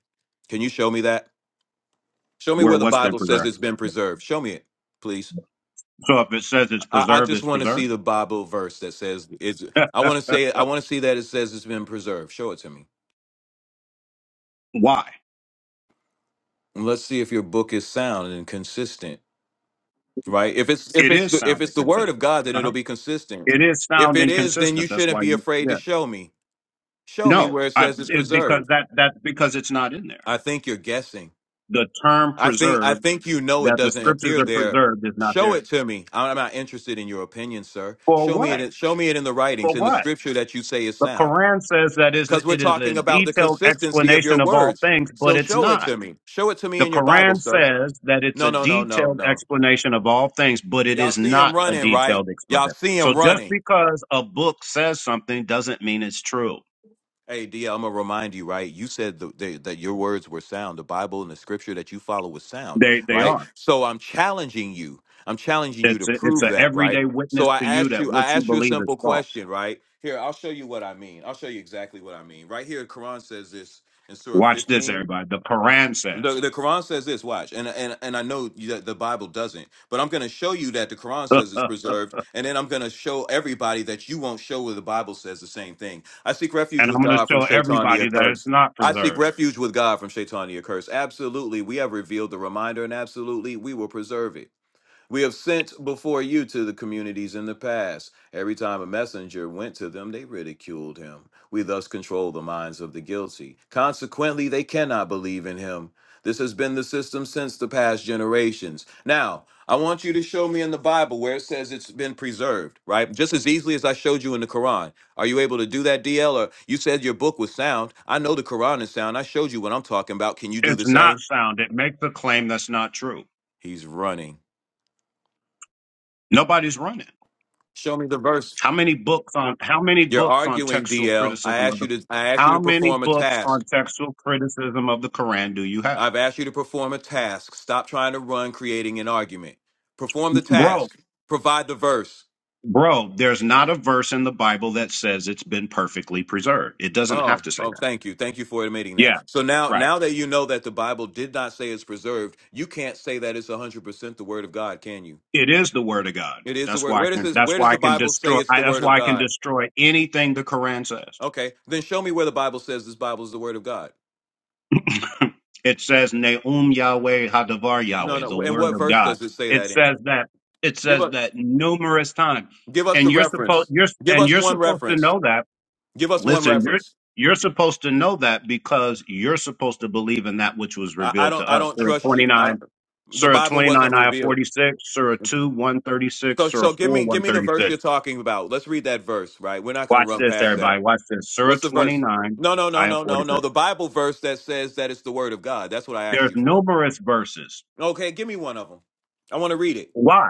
Speaker 1: can you show me that show me
Speaker 4: where
Speaker 1: where the
Speaker 4: what's been
Speaker 1: bible says
Speaker 4: preserved.
Speaker 1: it's been preserved show me it please
Speaker 4: So if it says it's
Speaker 1: i, I
Speaker 4: preserved,
Speaker 1: just
Speaker 4: it's
Speaker 1: want to
Speaker 4: preserved.
Speaker 1: see the bible verse that says it's
Speaker 4: [laughs]
Speaker 1: i want to say i want to see that it says it's been preserved show it to me
Speaker 4: Why?
Speaker 1: And let's see if your book is sound and consistent right if it's if
Speaker 4: It
Speaker 1: it's
Speaker 4: is
Speaker 1: the, if
Speaker 4: sounding
Speaker 1: it's the word of
Speaker 4: consistent.
Speaker 1: god then
Speaker 4: Uh-huh.
Speaker 1: it'll be consistent
Speaker 4: It is
Speaker 1: if
Speaker 4: sound
Speaker 1: it is then you
Speaker 4: inconsistent. That's
Speaker 1: shouldn't
Speaker 4: why
Speaker 1: be
Speaker 4: you
Speaker 1: afraid to
Speaker 4: yeah.
Speaker 1: show me Show me
Speaker 4: No,
Speaker 1: where it
Speaker 4: I,
Speaker 1: says it's
Speaker 4: it, because
Speaker 1: preserved.
Speaker 4: that that's because it's not in there.
Speaker 1: I think you're guessing.
Speaker 4: The term
Speaker 1: I think I
Speaker 4: preserved
Speaker 1: think you know it
Speaker 4: that the
Speaker 1: doesn't
Speaker 4: scriptures
Speaker 1: appear
Speaker 4: are
Speaker 1: there.
Speaker 4: preserved is not
Speaker 1: Show
Speaker 4: there.
Speaker 1: it to me. I'm not interested in your opinion, sir.
Speaker 4: For
Speaker 1: Show me
Speaker 4: what?
Speaker 1: it. Show me it in the
Speaker 4: For
Speaker 1: writings, in the
Speaker 4: what?
Speaker 1: scripture that you say is
Speaker 4: The
Speaker 1: sound.
Speaker 4: Quran says that is
Speaker 1: Because we're
Speaker 4: it is a
Speaker 1: talking about the
Speaker 4: detailed
Speaker 1: consistency of your
Speaker 4: explanation of all
Speaker 1: words.
Speaker 4: things, but
Speaker 1: So
Speaker 4: it's
Speaker 1: show it
Speaker 4: not.
Speaker 1: to me. Show it to me
Speaker 4: The
Speaker 1: in your Bible,
Speaker 4: Quran
Speaker 1: sir.
Speaker 4: says that it's
Speaker 1: No,
Speaker 4: a
Speaker 1: no, no, no,
Speaker 4: detailed
Speaker 1: no.
Speaker 4: explanation of all things, but it
Speaker 1: Y'all
Speaker 4: is
Speaker 1: see him
Speaker 4: not a
Speaker 1: running, right?
Speaker 4: detailed
Speaker 1: Y'all
Speaker 4: explanation.
Speaker 1: see
Speaker 4: So
Speaker 1: him
Speaker 4: just
Speaker 1: running.
Speaker 4: because a book says something doesn't mean it's true.
Speaker 1: Hey, Dia, I'm gonna remind you, right? You said the, the, that your words were sound. The Bible and the Scripture that you follow was sound,
Speaker 4: They they
Speaker 1: right?
Speaker 4: are.
Speaker 1: So I'm challenging you. I'm challenging you to
Speaker 4: It's a, it's
Speaker 1: prove
Speaker 4: an
Speaker 1: that, right?
Speaker 4: everyday witness
Speaker 1: So I
Speaker 4: to you
Speaker 1: asked
Speaker 4: that
Speaker 1: you.
Speaker 4: what
Speaker 1: I
Speaker 4: you
Speaker 1: asked you a
Speaker 4: believe is
Speaker 1: simple
Speaker 4: false.
Speaker 1: question, right? Here, I'll show you what I mean. I'll show you exactly what I mean. Right here, Quran says this in Surah
Speaker 4: Watch this,
Speaker 1: 15.
Speaker 4: everybody. The Quran
Speaker 1: The,
Speaker 4: says,
Speaker 1: the Quran says this. Watch, and and and I know you- that the Bible doesn't, but I'm going to show you that the Quran
Speaker 4: [laughs] and
Speaker 1: says it's preserved, and then I'm going to show everybody that you won't show where the Bible says the same thing. I seek refuge
Speaker 4: I'm
Speaker 1: with
Speaker 4: going to
Speaker 1: God from
Speaker 4: show
Speaker 1: Shaitan the
Speaker 4: everybody that it's
Speaker 1: accursed.
Speaker 4: not
Speaker 1: I seek
Speaker 4: preserved.
Speaker 1: refuge with God from Shaitan the accursed. Absolutely, we have revealed the reminder, and absolutely, we will preserve it. We have sent before you to the communities in the past. Every time a messenger went to them, they ridiculed him. We thus control the minds of the guilty. Consequently, they cannot believe in him. This has been the system since the past generations. Now, I want you to show me in the Bible where it says it's been preserved, right? Just as easily as I showed you in the Quran. Are you able to do that, DL? Or you said your book was sound. I know the Quran is sound. I showed you what I'm talking about. Can you do
Speaker 4: It's
Speaker 1: the
Speaker 4: not
Speaker 1: same?
Speaker 4: sound. It makes a claim that's not true.
Speaker 1: He's running.
Speaker 4: Nobody's running.
Speaker 1: Show me the verse.
Speaker 4: How many books on how many
Speaker 1: You're
Speaker 4: books on
Speaker 1: arguing,
Speaker 4: textual
Speaker 1: DL. I
Speaker 4: criticism of
Speaker 1: asked
Speaker 4: the
Speaker 1: you to I asked you
Speaker 4: how
Speaker 1: to
Speaker 4: many
Speaker 1: perform a
Speaker 4: books on
Speaker 1: task.
Speaker 4: textual criticism of the Quran do you have?
Speaker 1: I've asked you to perform a task. Stop trying to run creating an argument. Perform the
Speaker 4: Bro,
Speaker 1: task. Provide the verse.
Speaker 4: bro, there's not a verse in the Bible that says it's been perfectly preserved. It doesn't have
Speaker 1: Oh,
Speaker 4: to say
Speaker 1: oh,
Speaker 4: that.
Speaker 1: thank you. Thank you for admitting
Speaker 4: Yeah,
Speaker 1: that. So now
Speaker 4: right.
Speaker 1: now that you know that the Bible did not say it's preserved, you can't say that it's 100% the word of God, can you?
Speaker 4: It is the word of God.
Speaker 1: It is the
Speaker 4: That's
Speaker 1: word.
Speaker 4: why I
Speaker 1: Where does
Speaker 4: can.
Speaker 1: this
Speaker 4: That's
Speaker 1: where does
Speaker 4: why I
Speaker 1: the
Speaker 4: can
Speaker 1: Bible say
Speaker 4: destroy.
Speaker 1: it's
Speaker 4: I,
Speaker 1: the
Speaker 4: that's
Speaker 1: word of
Speaker 4: why I can
Speaker 1: God?
Speaker 4: destroy anything the Quran says.
Speaker 1: Okay. Then show me where the Bible says this Bible is the word of God.
Speaker 4: [laughs] it says Neum Yahweh Hadavar
Speaker 1: No,
Speaker 4: Yahweh, the
Speaker 1: no. And
Speaker 4: word
Speaker 1: what
Speaker 4: of
Speaker 1: verse
Speaker 4: God.
Speaker 1: does it say
Speaker 4: It
Speaker 1: that in?
Speaker 4: says that. It
Speaker 1: Give
Speaker 4: says
Speaker 1: us.
Speaker 4: that numerous times,
Speaker 1: Give us
Speaker 4: and
Speaker 1: the
Speaker 4: you're supposed.
Speaker 1: reference.
Speaker 4: You're
Speaker 1: Give
Speaker 4: and
Speaker 1: us
Speaker 4: you're
Speaker 1: one
Speaker 4: supposed to
Speaker 1: reference.
Speaker 4: know that.
Speaker 1: Give us one
Speaker 4: Listen, you're
Speaker 1: reference.
Speaker 4: you're supposed to know that because you're supposed to believe in that which was
Speaker 1: I, I
Speaker 4: revealed to
Speaker 1: don't. I
Speaker 4: us.
Speaker 1: don't
Speaker 4: Surah
Speaker 1: trust
Speaker 4: twenty
Speaker 1: you. I don't,
Speaker 4: nine,
Speaker 1: the
Speaker 4: Surah
Speaker 1: Bible
Speaker 4: twenty nine,
Speaker 1: wasn't
Speaker 4: Ayah
Speaker 1: revealed.
Speaker 4: forty six, Surah two one thirty
Speaker 1: So
Speaker 4: six, Surah
Speaker 1: so give
Speaker 4: four
Speaker 1: me give
Speaker 4: one
Speaker 1: me the
Speaker 4: thirty
Speaker 1: verse
Speaker 4: six.
Speaker 1: you're talking about. Let's read that verse. Right. We're not going to
Speaker 4: Watch
Speaker 1: run
Speaker 4: this,
Speaker 1: past that.
Speaker 4: everybody. Watch this. Surah
Speaker 1: What's the verse?
Speaker 4: 29,
Speaker 1: No no no
Speaker 4: Ayah
Speaker 1: no no
Speaker 4: 46.
Speaker 1: no. The Bible verse that says that it's the word of God. That's what I asked
Speaker 4: There's
Speaker 1: you for.
Speaker 4: numerous verses.
Speaker 1: Okay. Give me one of them. I want to read it.
Speaker 4: Why?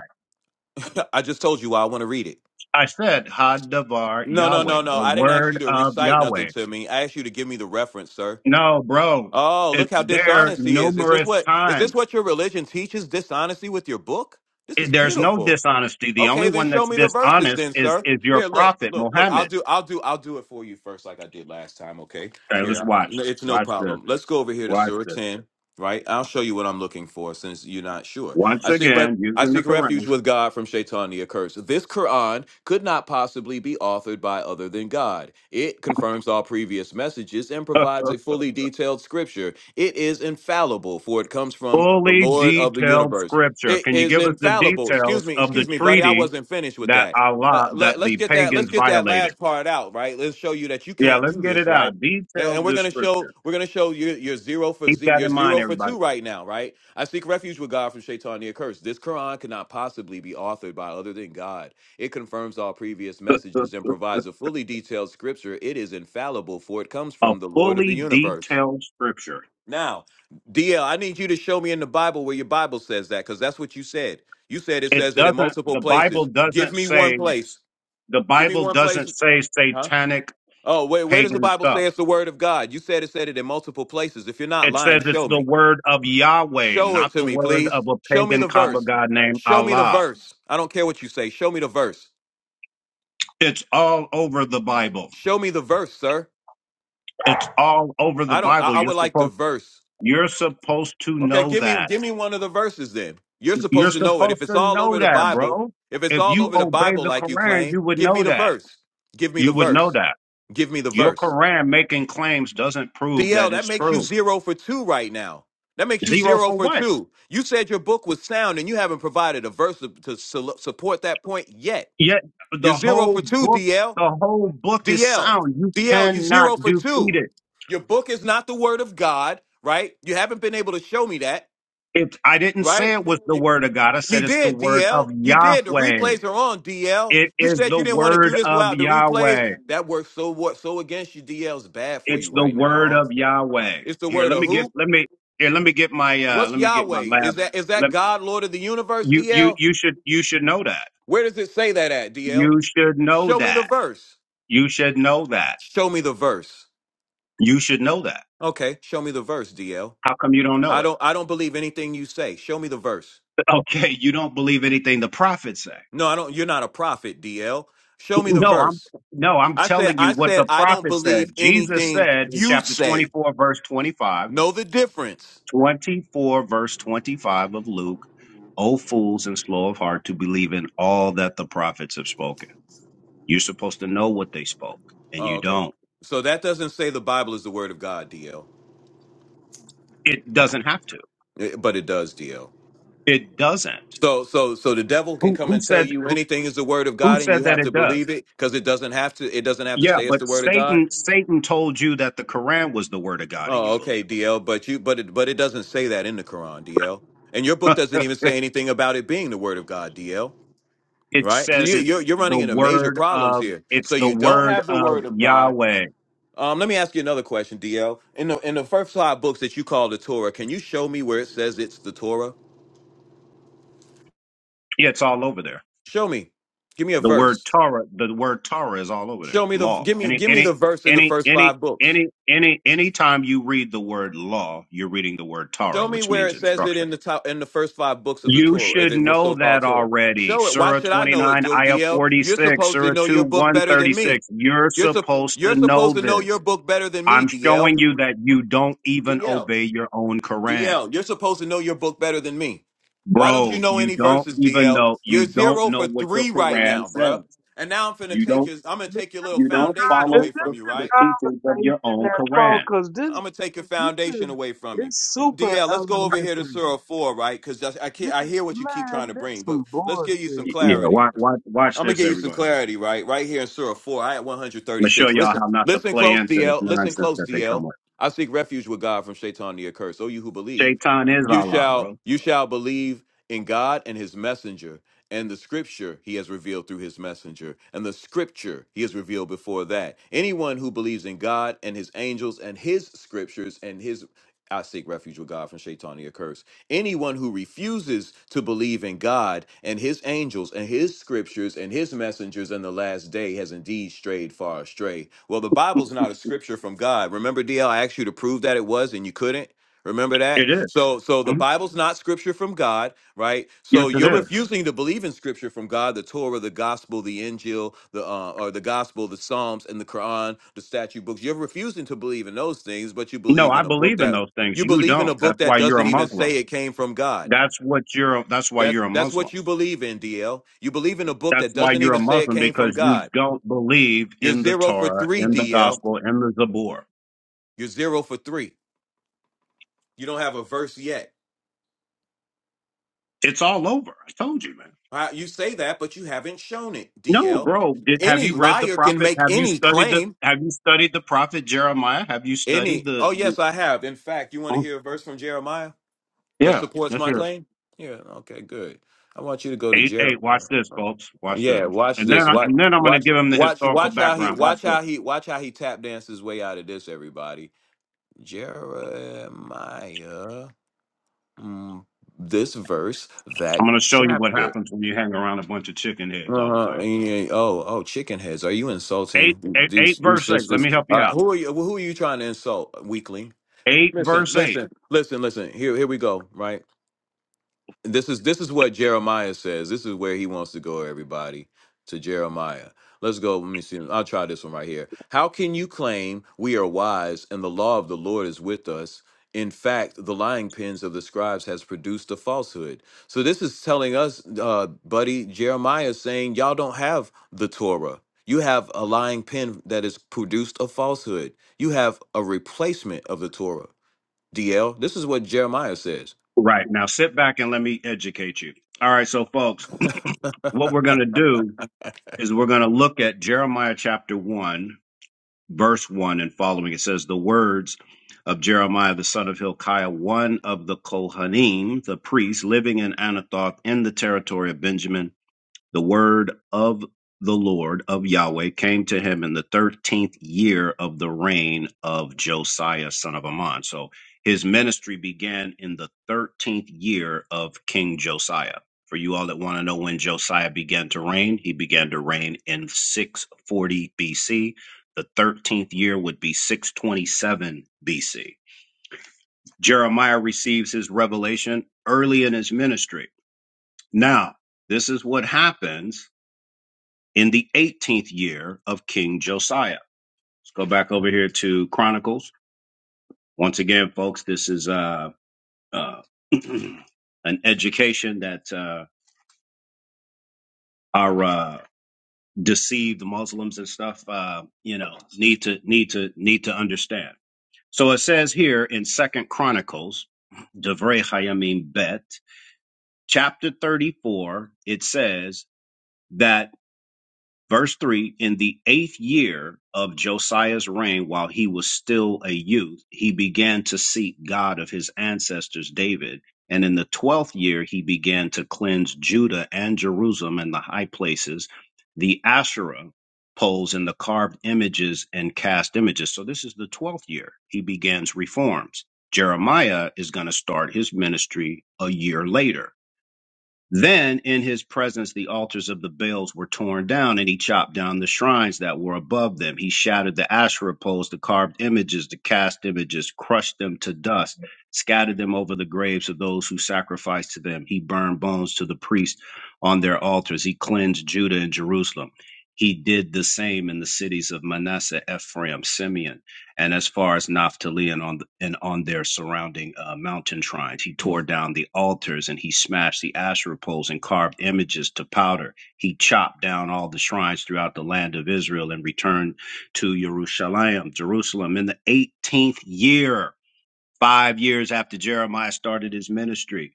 Speaker 1: [laughs] I just told you why I want to read it.
Speaker 4: I said, Hadavar
Speaker 1: No no
Speaker 4: Yahweh,
Speaker 1: no no.
Speaker 4: the
Speaker 1: I didn't ask
Speaker 4: word
Speaker 1: you to
Speaker 4: of
Speaker 1: recite nothing
Speaker 4: Yahweh.
Speaker 1: to me. I asked you to give me the reference, sir.
Speaker 4: No, bro,
Speaker 1: Oh, look
Speaker 4: it's
Speaker 1: how
Speaker 4: there
Speaker 1: dishonest he is. Is this
Speaker 4: numerous
Speaker 1: what is this
Speaker 4: times.
Speaker 1: what your religion teaches? Dishonesty with your book? This
Speaker 4: It-
Speaker 1: is
Speaker 4: there's no
Speaker 1: pitiful.
Speaker 4: dishonesty. The only
Speaker 1: Okay, then
Speaker 4: one
Speaker 1: show
Speaker 4: that's
Speaker 1: me the verses
Speaker 4: dishonest
Speaker 1: then,
Speaker 4: is,
Speaker 1: sir.
Speaker 4: is your
Speaker 1: Here, look,
Speaker 4: prophet,
Speaker 1: look, look. I'll
Speaker 4: Muhammad.
Speaker 1: do I'll do I'll do it for you first like I did last time, okay?
Speaker 4: Okay, let's
Speaker 1: Here.
Speaker 4: watch.
Speaker 1: no- It's no
Speaker 4: Watch this.
Speaker 1: problem. Let's go over here to
Speaker 4: Watch
Speaker 1: Surah
Speaker 4: this.
Speaker 1: 10, right? I'll show you what I'm looking for since you're not sure.
Speaker 4: Once
Speaker 1: I seek
Speaker 4: again,
Speaker 1: I
Speaker 4: using the
Speaker 1: seek refuge
Speaker 4: Quran.
Speaker 1: with God from Shaitan the accursed. This Quran could not possibly be authored by other than God. It confirms all previous messages and provides a fully detailed scripture. It is infallible, for it comes from the
Speaker 4: fully
Speaker 1: Lord of the
Speaker 4: detailed
Speaker 1: universe.
Speaker 4: scripture.
Speaker 1: It
Speaker 4: Can you
Speaker 1: is
Speaker 4: give us the
Speaker 1: infallible. Excuse
Speaker 4: details
Speaker 1: me,
Speaker 4: of the
Speaker 1: excuse me, buddy. I
Speaker 4: treaty
Speaker 1: wasn't finished with
Speaker 4: that
Speaker 1: that. Uh,
Speaker 4: Allah, that
Speaker 1: let,
Speaker 4: the
Speaker 1: us get that. Let's
Speaker 4: pagans
Speaker 1: get that
Speaker 4: violated?
Speaker 1: last part out, right? Let's show you that you
Speaker 4: Yeah,
Speaker 1: can't
Speaker 4: let's
Speaker 1: do
Speaker 4: get it
Speaker 1: this, right?
Speaker 4: out.
Speaker 1: And,
Speaker 4: Detailed
Speaker 1: and we're gonna show.
Speaker 4: description.
Speaker 1: We're gonna show you. You're zero for
Speaker 4: Keep
Speaker 1: z.
Speaker 4: that
Speaker 1: You're
Speaker 4: in mind,
Speaker 1: zero for
Speaker 4: everybody.
Speaker 1: two right now, right? I seek refuge with God from Shaitan the curse. This Quran cannot possibly be authored by other than God. It confirms all previous messages and provides a fully detailed scripture. It is infallible, for it comes
Speaker 4: [laughs] A
Speaker 1: from the Lord of the
Speaker 4: fully
Speaker 1: universe.
Speaker 4: detailed scripture.
Speaker 1: Now, DL, I need you to show me in the Bible where your Bible says that, because that's what you said. You said it
Speaker 4: It
Speaker 1: says it in
Speaker 4: doesn't,
Speaker 1: multiple
Speaker 4: the Bible
Speaker 1: places. Give
Speaker 4: doesn't
Speaker 1: me one
Speaker 4: say,
Speaker 1: place.
Speaker 4: the
Speaker 1: Give me
Speaker 4: Bible
Speaker 1: one
Speaker 4: doesn't
Speaker 1: place.
Speaker 4: say
Speaker 1: Huh?
Speaker 4: satanic
Speaker 1: Oh, where, where does the
Speaker 4: pagan
Speaker 1: Bible
Speaker 4: stuff.
Speaker 1: say it's the word of God? You said it said it in multiple places. If you're not
Speaker 4: It
Speaker 1: lying,
Speaker 4: says it's
Speaker 1: show
Speaker 4: the
Speaker 1: me.
Speaker 4: word of Yahweh,
Speaker 1: Show it
Speaker 4: not
Speaker 1: to
Speaker 4: the
Speaker 1: me,
Speaker 4: word
Speaker 1: please.
Speaker 4: of a
Speaker 1: Show me
Speaker 4: pagan
Speaker 1: the
Speaker 4: Kaaba
Speaker 1: verse.
Speaker 4: god named
Speaker 1: Show me the
Speaker 4: Allah.
Speaker 1: verse. I don't care what you say. Show me the verse.
Speaker 4: It's all over the Bible.
Speaker 1: Show me the verse, sir.
Speaker 4: It's all over the
Speaker 1: I don't. I,
Speaker 4: Bible.
Speaker 1: I
Speaker 4: You're
Speaker 1: would like the
Speaker 4: supposed
Speaker 1: verse.
Speaker 4: you're supposed to
Speaker 1: Okay,
Speaker 4: know
Speaker 1: give me
Speaker 4: that.
Speaker 1: give me one of the verses then. You're
Speaker 4: You're
Speaker 1: supposed to know it. If
Speaker 4: supposed
Speaker 1: it's
Speaker 4: to
Speaker 1: all
Speaker 4: know
Speaker 1: over the
Speaker 4: that,
Speaker 1: Bible,
Speaker 4: bro.
Speaker 1: if it's
Speaker 4: If
Speaker 1: all
Speaker 4: you
Speaker 1: over the
Speaker 4: obey
Speaker 1: Bible
Speaker 4: the
Speaker 1: like you
Speaker 4: Quran,
Speaker 1: claim,
Speaker 4: you would
Speaker 1: give
Speaker 4: know
Speaker 1: me the
Speaker 4: that.
Speaker 1: verse. Give me the
Speaker 4: You would know
Speaker 1: verse.
Speaker 4: that.
Speaker 1: Give me the
Speaker 4: Your
Speaker 1: verse.
Speaker 4: Quran making claims doesn't prove
Speaker 1: DL,
Speaker 4: that
Speaker 1: that
Speaker 4: it's
Speaker 1: makes you
Speaker 4: true.
Speaker 1: zero for two right now. That makes you
Speaker 4: Zero
Speaker 1: zero
Speaker 4: for
Speaker 1: for
Speaker 4: what?
Speaker 1: two. You said your book was sound, and you haven't provided a verse to, to su- support that point yet.
Speaker 4: Yet
Speaker 1: You're
Speaker 4: the
Speaker 1: zero
Speaker 4: whole
Speaker 1: for two,
Speaker 4: book,
Speaker 1: DL.
Speaker 4: the whole book is
Speaker 1: DL,
Speaker 4: sound. You
Speaker 1: DL, you
Speaker 4: cannot
Speaker 1: zero for
Speaker 4: defeat
Speaker 1: two.
Speaker 4: it.
Speaker 1: Your book is not the word of God, right? You haven't been able to show me that,
Speaker 4: It I didn't say
Speaker 1: right?
Speaker 4: it was the
Speaker 1: You,
Speaker 4: word of God. I said
Speaker 1: you
Speaker 4: it's the
Speaker 1: did,
Speaker 4: word of
Speaker 1: DL. You did. The
Speaker 4: Yahweh.
Speaker 1: replays are on, DL.
Speaker 4: It
Speaker 1: You
Speaker 4: is
Speaker 1: said
Speaker 4: the
Speaker 1: you didn't want to do
Speaker 4: word
Speaker 1: this
Speaker 4: of
Speaker 1: without the replays.
Speaker 4: Yahweh.
Speaker 1: That works so what so against you, DL is bad for
Speaker 4: It's
Speaker 1: you
Speaker 4: the
Speaker 1: right now,
Speaker 4: word
Speaker 1: huh?
Speaker 4: of Yahweh.
Speaker 1: It's the
Speaker 4: Here,
Speaker 1: word
Speaker 4: let
Speaker 1: of
Speaker 4: me get
Speaker 1: who?
Speaker 4: let me here, let me get my uh
Speaker 1: What's
Speaker 4: let me get my
Speaker 1: Yahweh?
Speaker 4: lab.
Speaker 1: Is that is that
Speaker 4: Let
Speaker 1: God, Lord of the universe,
Speaker 4: you you
Speaker 1: DL?
Speaker 4: you should you should know that.
Speaker 1: Where does it say that at, DL?
Speaker 4: You should know
Speaker 1: Show me the
Speaker 4: that.
Speaker 1: verse.
Speaker 4: You should know that.
Speaker 1: Show me the verse.
Speaker 4: You should know that.
Speaker 1: Okay, show me the verse, DL.
Speaker 4: How come you don't know
Speaker 1: I
Speaker 4: it? [laughs]
Speaker 1: don't I don't believe anything you say. Show me the verse.
Speaker 4: Okay, you don't believe anything the prophets say. [laughs]
Speaker 1: No, I don't you're not a prophet, DL. Show me the
Speaker 4: No, I'm
Speaker 1: verse.
Speaker 4: no, I'm
Speaker 1: I said
Speaker 4: telling you
Speaker 1: I
Speaker 4: what
Speaker 1: said
Speaker 4: the
Speaker 1: I don't
Speaker 4: prophet said.
Speaker 1: believe
Speaker 4: Jesus
Speaker 1: anything
Speaker 4: said in
Speaker 1: you
Speaker 4: chapter
Speaker 1: say.
Speaker 4: 24 verse 25,
Speaker 1: Know the difference.
Speaker 4: 24 verse 25 of Luke, O fools and slow of heart to believe in all that the prophets have spoken You're supposed to know what they spoke, and
Speaker 1: Oh,
Speaker 4: you
Speaker 1: okay.
Speaker 4: don't.
Speaker 1: So that doesn't say the Bible is the word of God, DL.
Speaker 4: It doesn't have to.
Speaker 1: Eh, But it does, DL.
Speaker 4: It doesn't.
Speaker 1: So so so the devil can
Speaker 4: Who
Speaker 1: come
Speaker 4: who
Speaker 1: and tell
Speaker 4: said
Speaker 1: you anything is the word of
Speaker 4: who
Speaker 1: God and you
Speaker 4: said that
Speaker 1: have
Speaker 4: it
Speaker 1: to believe
Speaker 4: does?
Speaker 1: it because it doesn't have to it doesn't have to
Speaker 4: Yeah,
Speaker 1: say it's
Speaker 4: but
Speaker 1: the word of God.
Speaker 4: Satan Satan told you that the Quran was the word of God, and
Speaker 1: Oh,
Speaker 4: you
Speaker 1: okay,
Speaker 4: believe
Speaker 1: DL, but you but it but it doesn't say that in the Quran, DL. And your book
Speaker 4: it.
Speaker 1: doesn't even say anything about it being the word of God, DL,
Speaker 4: [laughs] it
Speaker 1: right? So
Speaker 4: says
Speaker 1: you
Speaker 4: it
Speaker 1: you're you're
Speaker 4: the
Speaker 1: running into major
Speaker 4: word
Speaker 1: problems
Speaker 4: of
Speaker 1: here.
Speaker 4: it's
Speaker 1: So
Speaker 4: the
Speaker 1: you don't
Speaker 4: word
Speaker 1: have the
Speaker 4: of
Speaker 1: word of God.
Speaker 4: Yahweh.
Speaker 1: Um, let me ask you another question, DL. In the in the first five books that you call the Torah, can you show me where it says it's the Torah?
Speaker 4: Yeah, it's all over there.
Speaker 1: Show me. Give me a
Speaker 4: The word
Speaker 1: verse.
Speaker 4: Torah, the word Torah is all over there.
Speaker 1: Show me the
Speaker 4: Law.
Speaker 1: give me
Speaker 4: Any
Speaker 1: give me the
Speaker 4: any
Speaker 1: verse in the
Speaker 4: any
Speaker 1: first
Speaker 4: any
Speaker 1: five books.
Speaker 4: any any anytime you read the word law, you're reading the word Torah,
Speaker 1: Show me
Speaker 4: which
Speaker 1: where
Speaker 4: means
Speaker 1: it says it
Speaker 4: instruction.
Speaker 1: in the top in the first five books of the
Speaker 4: You
Speaker 1: Torah, uh,
Speaker 4: should
Speaker 1: the what's
Speaker 4: know
Speaker 1: so-called
Speaker 4: that
Speaker 1: Torah.
Speaker 4: already.
Speaker 1: Show it. Why
Speaker 4: Surah
Speaker 1: should I know it,
Speaker 4: 29,
Speaker 1: Du-
Speaker 4: Ayah
Speaker 1: DL? You're
Speaker 4: 46,
Speaker 1: supposed to
Speaker 4: Surah
Speaker 1: know
Speaker 4: 2,
Speaker 1: your book better than me.
Speaker 4: 136. You're
Speaker 1: You're sup-
Speaker 4: supposed to
Speaker 1: you're supposed
Speaker 4: know
Speaker 1: to know your
Speaker 4: this.
Speaker 1: book better than me,
Speaker 4: I'm
Speaker 1: DL.
Speaker 4: showing you that you don't even
Speaker 1: DL,
Speaker 4: obey your own Quran.
Speaker 1: DL, you're supposed to know your book better than me. Why don't you
Speaker 4: Bro,
Speaker 1: know
Speaker 4: you
Speaker 1: any
Speaker 4: don't
Speaker 1: verses,
Speaker 4: even
Speaker 1: DL?
Speaker 4: know,
Speaker 1: You're
Speaker 4: you don't
Speaker 1: zero
Speaker 4: know
Speaker 1: for
Speaker 4: what your
Speaker 1: three right
Speaker 4: Quran
Speaker 1: now,
Speaker 4: says.
Speaker 1: bruh. And now I'm finna
Speaker 4: You
Speaker 1: take
Speaker 4: don't,
Speaker 1: your I'm gonna
Speaker 3: Is this
Speaker 1: take your little
Speaker 4: you
Speaker 3: a,
Speaker 4: don't
Speaker 1: foundation
Speaker 3: is
Speaker 4: follow
Speaker 1: away from
Speaker 4: the,
Speaker 1: you,
Speaker 3: this
Speaker 4: the
Speaker 1: right?
Speaker 3: a
Speaker 4: teachings of your
Speaker 3: conversation
Speaker 4: own
Speaker 3: that's long?
Speaker 4: Quran.
Speaker 3: Cause
Speaker 1: I'm
Speaker 3: this
Speaker 1: gonna take your
Speaker 3: this
Speaker 1: foundation
Speaker 3: is
Speaker 1: away from you,
Speaker 3: it's super
Speaker 1: DL. Let's go over here to
Speaker 3: elementary.
Speaker 1: Surah Four, right? Because I can't.
Speaker 3: This
Speaker 1: I
Speaker 3: is
Speaker 1: hear what you keep trying
Speaker 3: man,
Speaker 1: to bring,
Speaker 3: that's
Speaker 1: but
Speaker 3: some
Speaker 1: let's give you
Speaker 3: bullshit.
Speaker 1: some
Speaker 4: Y- Yeah,
Speaker 1: clarity.
Speaker 4: watch, watch, watch
Speaker 1: I'm gonna
Speaker 4: this,
Speaker 1: give you some
Speaker 4: everyone.
Speaker 1: clarity, right? Right here in Surah 4, I had
Speaker 4: I'm gonna show
Speaker 1: 136.
Speaker 4: y'all
Speaker 1: Listen,
Speaker 4: how not to
Speaker 1: listen
Speaker 4: play
Speaker 1: close,
Speaker 4: into this
Speaker 1: DL. Listen
Speaker 4: nonsense
Speaker 1: close,
Speaker 4: that they
Speaker 1: DL.
Speaker 4: come with.
Speaker 1: I seek refuge with God from Shaitan the accursed. O you who believe,
Speaker 4: Shaitan is
Speaker 1: you
Speaker 4: Allah,
Speaker 1: shall
Speaker 4: bro.
Speaker 1: you shall believe in God and His messenger, and the Scripture He has revealed through His messenger, and the Scripture He has revealed before that. Anyone who believes in God and His angels and His Scriptures and His I seek refuge with God from Shaitan the accursed. Anyone who refuses to believe in God and his angels and his scriptures and his messengers in the last day has indeed strayed far astray. Well, the Bible's not a scripture from God. Remember, DL, I asked you to prove that it was and you couldn't? Remember that?
Speaker 4: It is.
Speaker 1: So so the Bible's not scripture from God, right? So
Speaker 4: Yes, it
Speaker 1: you're
Speaker 4: is.
Speaker 1: refusing to believe in scripture from God, the Torah, the gospel, the Injil, the uh, or the gospel, the Psalms and the Quran, the statute books. You're refusing to believe in those things, but you
Speaker 4: No,
Speaker 1: believe
Speaker 4: I
Speaker 1: in a book
Speaker 4: believe in
Speaker 1: that
Speaker 4: those things.
Speaker 1: you
Speaker 4: You
Speaker 1: believe in a
Speaker 4: don't.
Speaker 1: book
Speaker 4: That's
Speaker 1: that
Speaker 4: why you're a
Speaker 1: doesn't even
Speaker 4: Muslim.
Speaker 1: say it came from God.
Speaker 4: That's what you're. That's why
Speaker 1: That's
Speaker 4: you're a
Speaker 1: that's
Speaker 4: Muslim.
Speaker 1: what you believe in, DL. You believe in a book
Speaker 4: That's
Speaker 1: that
Speaker 4: why
Speaker 1: doesn't
Speaker 4: you're a
Speaker 1: even say it
Speaker 4: Muslim
Speaker 1: came from
Speaker 4: because you
Speaker 1: God.
Speaker 4: don't believe
Speaker 1: You're
Speaker 4: in the
Speaker 1: zero for
Speaker 4: Torah,
Speaker 1: three,
Speaker 4: in the
Speaker 1: DL.
Speaker 4: Gospel, in the Zabur.
Speaker 1: You're zero for three. You don't have a verse yet.
Speaker 4: It's all over. I told you, man.
Speaker 1: Uh, You say that, but you haven't shown it,
Speaker 4: No,
Speaker 1: DL.
Speaker 4: bro. Did, have
Speaker 1: Any
Speaker 4: you read the
Speaker 1: liar can
Speaker 4: prophet?
Speaker 1: make
Speaker 4: Have you
Speaker 1: any
Speaker 4: studied the?
Speaker 1: claim.
Speaker 4: Have you studied the prophet Jeremiah? Have you studied
Speaker 1: Any.
Speaker 4: the?
Speaker 1: Oh
Speaker 4: the
Speaker 1: yes, I have. In fact, you want to
Speaker 4: oh,
Speaker 1: hear a verse from Jeremiah? that
Speaker 4: yeah.
Speaker 1: supports
Speaker 4: Yes,
Speaker 1: my
Speaker 4: sir.
Speaker 1: claim? Yeah, okay, good. I want you to go to
Speaker 4: Hey,
Speaker 1: Jer.
Speaker 4: hey, watch this, folks. Watch this.
Speaker 1: Yeah, watch
Speaker 4: And then,
Speaker 1: this.
Speaker 4: I,
Speaker 1: Watch,
Speaker 4: and then I'm going to
Speaker 1: watch,
Speaker 4: give him the
Speaker 1: watch,
Speaker 4: historical
Speaker 1: watch how he,
Speaker 4: background. Watch
Speaker 1: watch
Speaker 4: this.
Speaker 1: how he, watch how he tap dances his way out of this. Everybody, Jeremiah, mm, this verse, that
Speaker 4: I'm going to show you what
Speaker 1: chapter.
Speaker 4: happens when you hang around a bunch of chicken heads all the
Speaker 1: Uh-huh.
Speaker 4: time.
Speaker 1: and you- oh, oh, chicken heads. Are you
Speaker 4: Eight,
Speaker 1: insulting
Speaker 4: eight, eight
Speaker 1: these these
Speaker 4: verse eight. Let
Speaker 1: sisters?
Speaker 4: me help you
Speaker 1: Uh,
Speaker 4: out.
Speaker 1: who are you? Who are you trying to insult, weakling?
Speaker 4: Eight
Speaker 1: Listen,
Speaker 4: verse eight.
Speaker 1: listen, listen, listen. Here, here we go. Right. this is this is what Jeremiah says. This is where he wants to go, everybody, to Jeremiah. Let's go. Let me see. I'll try this one right here. How can you claim we are wise and the law of the Lord is with us? In fact, the lying pens of the scribes has produced a falsehood. So this is telling us, uh, buddy, Jeremiah is saying y'all don't have the Torah. You have a lying pen that has produced a falsehood. You have a replacement of the Torah. DL, this is what Jeremiah says.
Speaker 4: Right. Now sit back and let me educate you. All right. So, folks, what we're going to do is we're going to look at Jeremiah chapter one, verse one and following. It says, The words of Jeremiah, the son of Hilkiah, one of the Kohanim, the priest, living in Anathoth in the territory of Benjamin The word of the Lord of Yahweh came to him in the 13th year of the reign of Josiah, son of Ammon. So his ministry began in the 13th year of King Josiah. For you all that want to know when Josiah began to reign, he began to reign in 640 BC. The 13th year would be 627 BC. Jeremiah receives his revelation early in his ministry. Now, this is what happens in the 18th year of King Josiah. Let's go back over here to Chronicles. Once again, folks, this is uh, uh, [clears throat] an education that uh, our uh, deceived Muslims and stuff, uh, you know, need to need to need to understand. So it says here in Second Chronicles, Devrei Hayamim Bet, chapter 34, it says that. Verse 3 In the eighth year of Josiah's reign, while he was still a youth, he began to seek God of his ancestors David. And in the twelfth year, he began to cleanse Judah and Jerusalem and the high places, the Asherah poles and the carved images and cast images. So this is the twelfth year. He begins reforms. Jeremiah is going to start his ministry a year later then in his presence, the altars of the Baals were torn down, and he chopped down the shrines that were above them. He shattered the Asherah poles, the carved images, the cast images, crushed them to dust, scattered them over the graves of those who sacrificed to them. He burned bones to the priests on their altars. He cleansed Judah and Jerusalem. He did the same in the cities of Manasseh, Ephraim, Simeon and as far as Naphtali and on and on their surrounding uh, mountain shrines. He tore down the altars and he smashed the Asherah poles and carved images to powder. He chopped down all the shrines throughout the land of Israel and returned to Jerusalem, Jerusalem in the 18th year, five years after Jeremiah started his ministry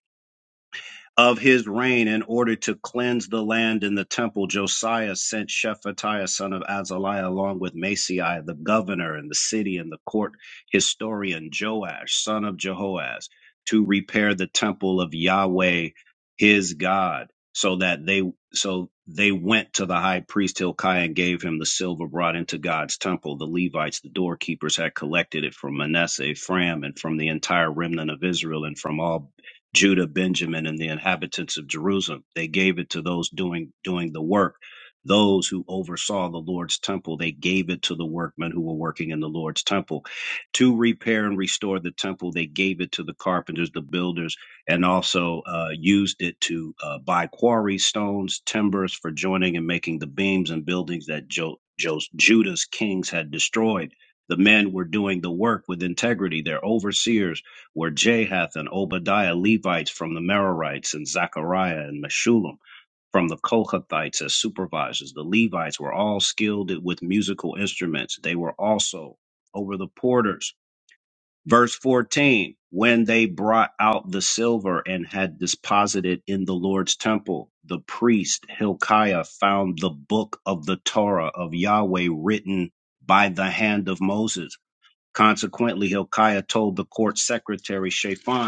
Speaker 4: of his reign in order to cleanse the land and the temple, Josiah sent Shephatiah son of Azaliah along with Masei the governor and the city and the court historian Joash son of Jehoaz to repair the temple of Yahweh his God so that they so they went to the high priest Hilkiah and gave him the silver brought into God's temple. The Levites, the doorkeepers, had collected it from Manasseh, Ephraim, and from the entire remnant of Israel, and from all Judah, Benjamin, and the inhabitants of Jerusalem. They gave it to those doing doing the work. Those who oversaw the Lord's temple, they gave it to the workmen who were working in the Lord's temple. To repair and restore the temple, they gave it to the carpenters, the builders, and also uh, used it to uh, buy quarry stones, timbers for joining and making the beams and buildings that jo- Jo- Judah's kings had destroyed. The men were doing the work with integrity. Their overseers were Jahath and Obadiah Levites from the Merarites, and Zachariah and Meshullam from the Kohathites as supervisors. The Levites were all skilled with musical instruments. They were also over the porters. Verse 14 When they brought out the silver and had deposited in the Lord's temple, the priest Hilkiah found the book of the Torah of Yahweh written by the hand of Moses. Consequently, Hilkiah told the court secretary Shaphan,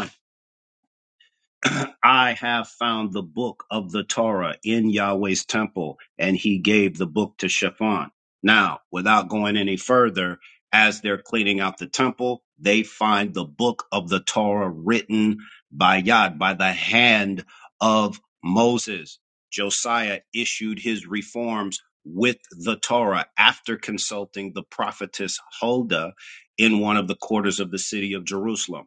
Speaker 4: [clears throat] I have found the book of the Torah in Yahweh's temple, and he gave the book to Shaphan. Now, without going any further, as they're cleaning out the temple, they find the book of the Torah written by Yad, by the hand of Moses. Josiah issued his reforms with the Torah after consulting the prophetess Huldah in one of the quarters of the city of Jerusalem.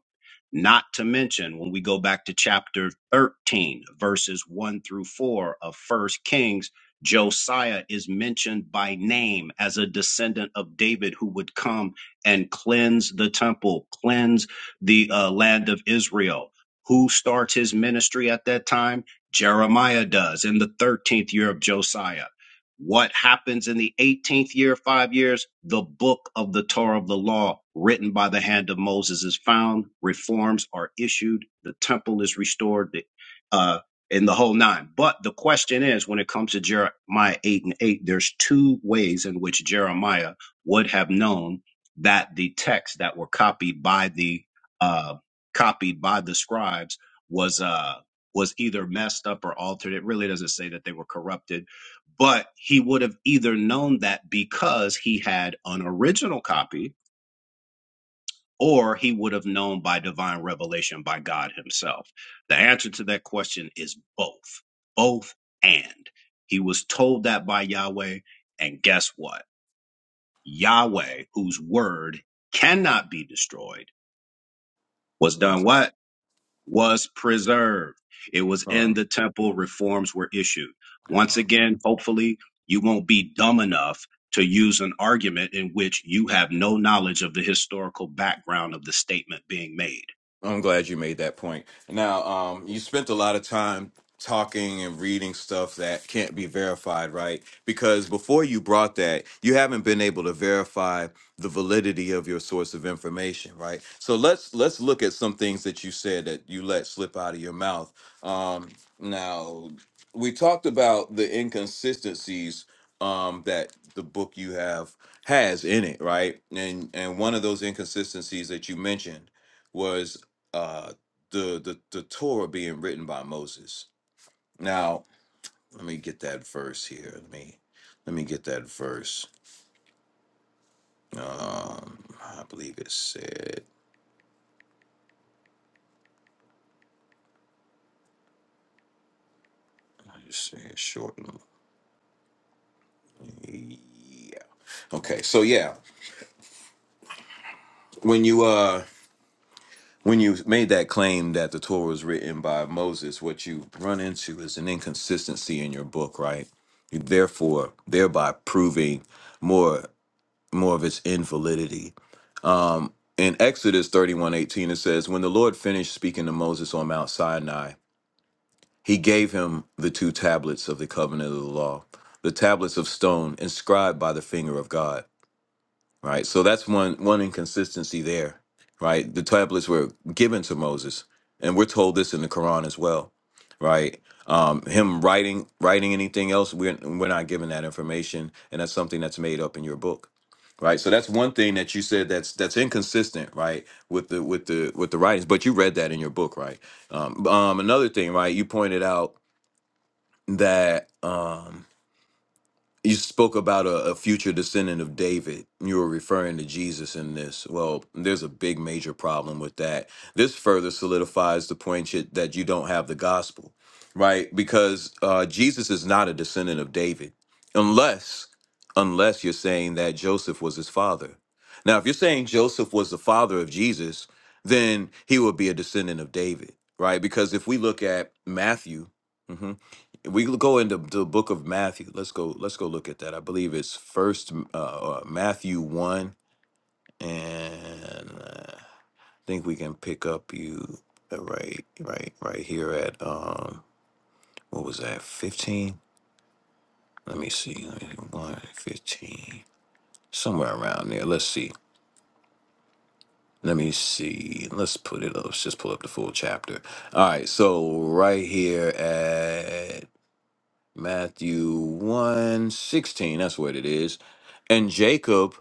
Speaker 4: Not to mention when we go back to chapter 13, verses 1 through 4 of First Kings, Josiah is mentioned by name as a descendant of David who would come and cleanse the temple, cleanse the uh, land of Israel. Who starts his ministry at that time? Jeremiah does in the 13th year of Josiah. What happens in the 18th year, five years? The book of the Torah of the law, written by the hand of Moses, is found. Reforms are issued. The temple is restored, the- uh, and the whole nine. But the question is when it comes to Jeremiah 8 and 8, there's two ways in which Jeremiah would have known that the texts that were copied by the uh, copied by the scribes was uh was either messed up or altered. It really doesn't say that they were corrupted but he would have either known that because he had an original copy or he would have known by divine revelation by God himself. The answer to that question is both. Both and. He was told that by Yahweh, and guess what? Yahweh, whose word cannot be destroyed, was done
Speaker 1: Okay.
Speaker 4: what? was preserved. It was in the
Speaker 1: uh
Speaker 4: temple, reforms were issued. Once again, hopefully, you won't be dumb enough to use an argument in which you have no knowledge of the historical background of the statement being made.
Speaker 1: I'm glad you made that point. Now, um, you spent a lot of time talking and reading stuff that can't be verified, right? Because before you brought that, you haven't been able to verify the validity of your source of information, right? So let's let's look at some things that you said that you let slip out of your mouth. Um, now, we talked about the inconsistencies um, that the book you have has in it, right? And and one of those inconsistencies that you mentioned was uh, the the the Torah being written by Moses. Now, let me get that verse here. Let me let me get that verse. Um, I believe it said. I just say it shortened. Yeah. Okay. So yeah, when you uh when you made that claim that the Torah was written by Moses, what you run into is an inconsistency in your book, right? You therefore thereby proving more. more of its invalidity. Um, in Exodus 31:18, it says, When the Lord finished speaking to Moses on Mount Sinai, he gave him the two tablets of the covenant of the law, the tablets of stone inscribed by the finger of God right? So that's one one inconsistency there, right? The tablets were given to Moses, and we're told this in the Quran as well, right? Um, him writing writing anything else, we're we're not given that information, and that's something that's made up in your book, right? So that's one thing that you said that's that's inconsistent, right, with the with the with the writings. But you read that in your book, right? Um, um, another thing, right? You pointed out that. Um, you spoke about a, a future descendant of David. You were referring to Jesus in this. Well, there's a big major problem with that. This further solidifies the point you- that you don't have the gospel, right? Because uh, Jesus is not a descendant of David, unless unless you're saying that Joseph was his father. Now, if you're saying Joseph was the father of Jesus, then he would be a descendant of David, right? Because if we look at Matthew, mm-hmm, we l- go into the book of Matthew. Let's go. Let's go look at that. I believe it's first uh, uh, Matthew one, and uh, I think we can pick up you uh, right, right, right here at um, what was that? Fifteen. Let me see. Let me One fifteen, somewhere around there. Let's see. Let me see. Let's put it up. Let's just pull up the full chapter. All right. So right here Matthew one 16. that's what it is. And Jacob,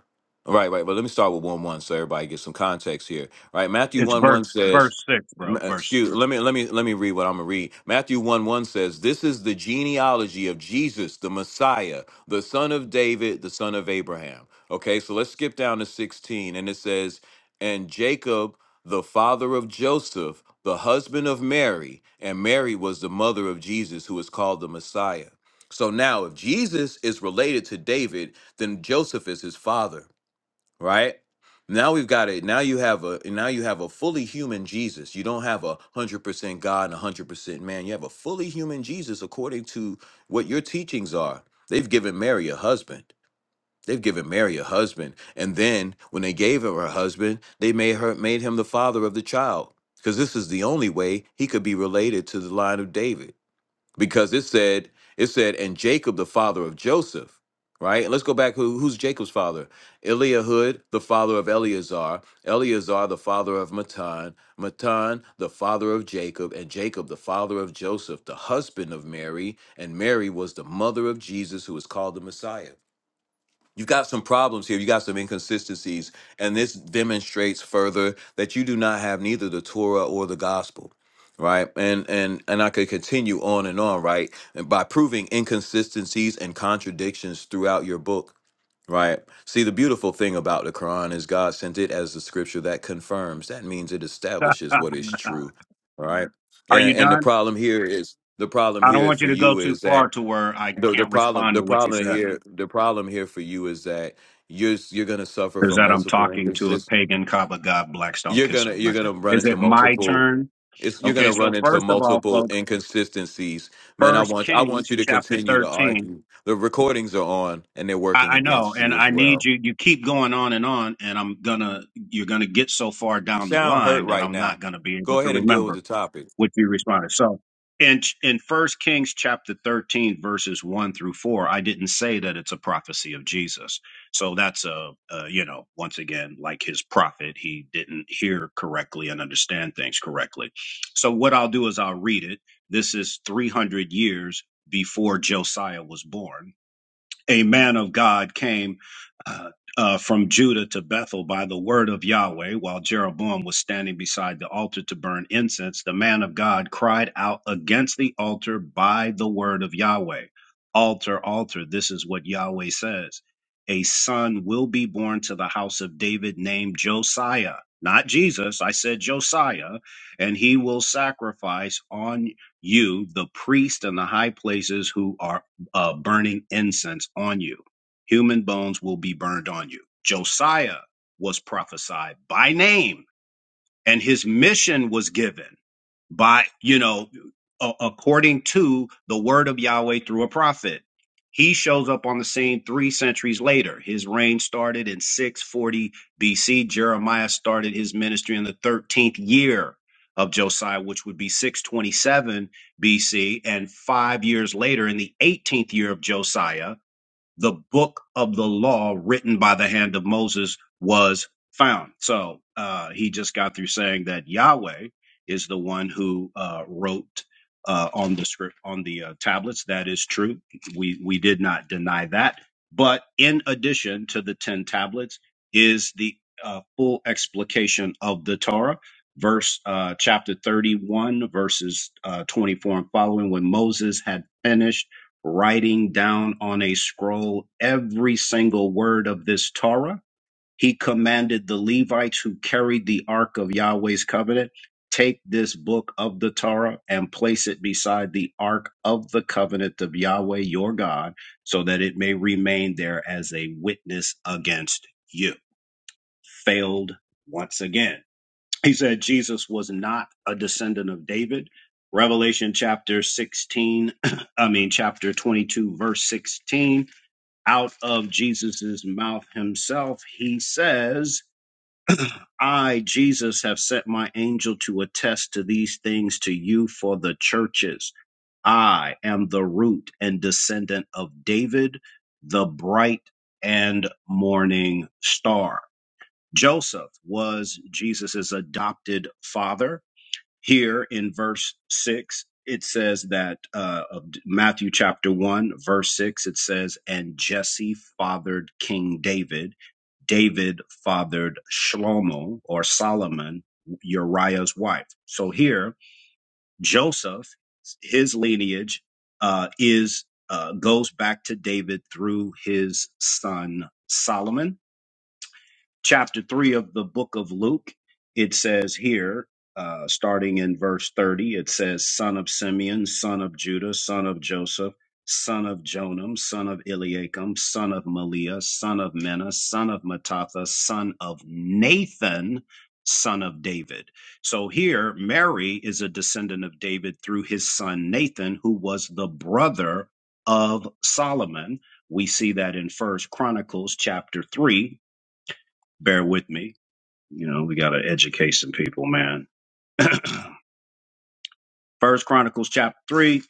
Speaker 1: right, right, but let me start with 1 1 so everybody gets some context here. Right, Matthew
Speaker 4: It's
Speaker 1: 1
Speaker 4: verse
Speaker 1: 1 says,
Speaker 4: verse six,
Speaker 1: m-
Speaker 4: bro.
Speaker 1: uh,
Speaker 4: Verse.
Speaker 1: excuse let me let me let me read what i'm gonna read matthew 1 1 says this is the genealogy of jesus the messiah the son of david the son of abraham okay so let's skip down to 16 and it says and jacob the father of Joseph, the husband of Mary, and Mary was the mother of Jesus, who is called the Messiah. So now, if Jesus is related to David, then Joseph is his father, right? Now we've got it. Now you have a now you have a fully human Jesus. You don't have a hundred percent God and a hundred percent man. You have a fully human Jesus according to what your teachings are. They've given Mary a husband. They've given Mary a husband, and then when they gave her her husband, they made her made him the father of the child, because this is the only way he could be related to the line of David. Because it said it said, and Jacob the father of Joseph, right? And let's go back. Who, who's Jacob's father? Eliahud, the father of Eleazar. Eleazar, the father of Matan. Matan, the father of Jacob, and Jacob, the father of Joseph, the husband of Mary, and Mary was the mother of Jesus, who is called the Messiah. You've got some problems here. You got some inconsistencies. And this demonstrates further that you do not have neither the Torah or the gospel. Right. And and and I could continue on and on, right? And by proving inconsistencies and contradictions throughout your book. Right. See, the beautiful thing about the Quran is God sent it as the scripture that confirms. That means it establishes
Speaker 4: Uh,
Speaker 1: what is true. All right.
Speaker 4: are
Speaker 1: And
Speaker 4: you
Speaker 1: and the
Speaker 4: done?
Speaker 1: problem here is the problem
Speaker 4: I don't
Speaker 1: here
Speaker 4: want
Speaker 1: for
Speaker 4: you to go
Speaker 1: you
Speaker 4: too
Speaker 1: is that
Speaker 4: far to where I
Speaker 1: the the
Speaker 4: can't
Speaker 1: problem
Speaker 4: respond
Speaker 1: the
Speaker 4: to what you
Speaker 1: problem
Speaker 4: said.
Speaker 1: here the problem here for you is that you're you're gonna suffer
Speaker 4: Is
Speaker 1: from
Speaker 4: that I'm
Speaker 1: multiple
Speaker 4: talking to a
Speaker 1: inconsistent
Speaker 4: pagan Kaaba god, Blackstone
Speaker 1: you're
Speaker 4: Kisser
Speaker 1: gonna you're
Speaker 4: record?
Speaker 1: gonna run
Speaker 4: Is
Speaker 1: into
Speaker 4: it my
Speaker 1: multiple
Speaker 4: turn?
Speaker 1: it's you're
Speaker 4: Okay,
Speaker 1: gonna
Speaker 4: so
Speaker 1: run into
Speaker 4: first of all,
Speaker 1: multiple
Speaker 4: folks,
Speaker 1: inconsistencies man i
Speaker 4: First
Speaker 1: want i
Speaker 4: Kings
Speaker 1: want you to
Speaker 4: chapter
Speaker 1: continue to
Speaker 4: 13
Speaker 1: argue the recordings are on and they're
Speaker 4: I,
Speaker 1: working
Speaker 4: I know,
Speaker 1: against
Speaker 4: and
Speaker 1: you
Speaker 4: I
Speaker 1: as
Speaker 4: need
Speaker 1: well
Speaker 4: you. You keep going on and on, and I'm gonna. You're gonna get so far
Speaker 1: you
Speaker 4: down the
Speaker 1: sound hurt
Speaker 4: line that
Speaker 1: right
Speaker 4: I'm not
Speaker 1: now
Speaker 4: gonna be able
Speaker 1: go
Speaker 4: to
Speaker 1: ahead and deal with
Speaker 4: remember
Speaker 1: the topic
Speaker 4: what you responded. So, in in First Kings chapter 13, verses one through four, I didn't say that it's a prophecy of Jesus. So that's a, a you know, once again, like his prophet, he didn't hear correctly and understand things correctly. So what I'll do is I'll read it. This is 300 years before Josiah was born a man of God came uh, uh, from Judah to Bethel by the word of Yahweh, while Jeroboam was standing beside the altar to burn incense, the man of God cried out against the altar by the word of Yahweh. Altar, altar, this is what Yahweh says. A son will be born to the house of David named Josiah, not Jesus. I said Josiah, and he will sacrifice on you the priest and the high places who are uh, burning incense on you. Human bones will be burned on you. Josiah was prophesied by name, and his mission was given by you know a- according to the word of Yahweh through a prophet. He shows up on the scene three centuries later. His reign started in 640 BC. Jeremiah started his ministry in the 13th year of Josiah, which would be 627 BC. And five years later, in the 18th year of Josiah, the book of the law written by the hand of Moses was found. So uh, he just got through saying that Yahweh is the one who uh, wrote uh, on the script on the uh, tablets. That is true. We we did not deny that. But in addition to the ten tablets is the uh, full explication of the Torah. Verse uh, chapter 31, verses uh, 24 and following, when Moses had finished writing down on a scroll every single word of this Torah. He commanded the Levites who carried the ark of Yahweh's covenant take this book of the Torah and place it beside the ark of the covenant of Yahweh your God, so that it may remain there as a witness against you. Failed once again he said Jesus was not a descendant of David. Revelation chapter 16, [clears throat] I mean, chapter 22, verse 16, out of Jesus's mouth himself, he says, [clears throat] I, Jesus, have sent my angel to attest to these things to you for the churches. I am the root and descendant of David, the bright and morning star. Joseph was Jesus's adopted father here in verse 6, it says that uh, of Matthew chapter 1, verse 6, it says, And Jesse fathered King David. David fathered Shlomo or Solomon, Uriah's wife. So here, Joseph, his lineage uh, is uh, goes back to David through his son Solomon chapter 3 of the book of Luke, it says here, uh, starting in verse 30, it says, Son of Simeon, son of Judah, son of Joseph, son of Jonam, son of Eliakim, son of Maliah, son of Menah, son of Matatha, son of Nathan, son of David. So here, Mary is a descendant of David through his son Nathan, who was the brother of Solomon. We see that in First Chronicles chapter 3 bear with me. You know, we got to educate some people, man. [clears throat] First Chronicles chapter 3,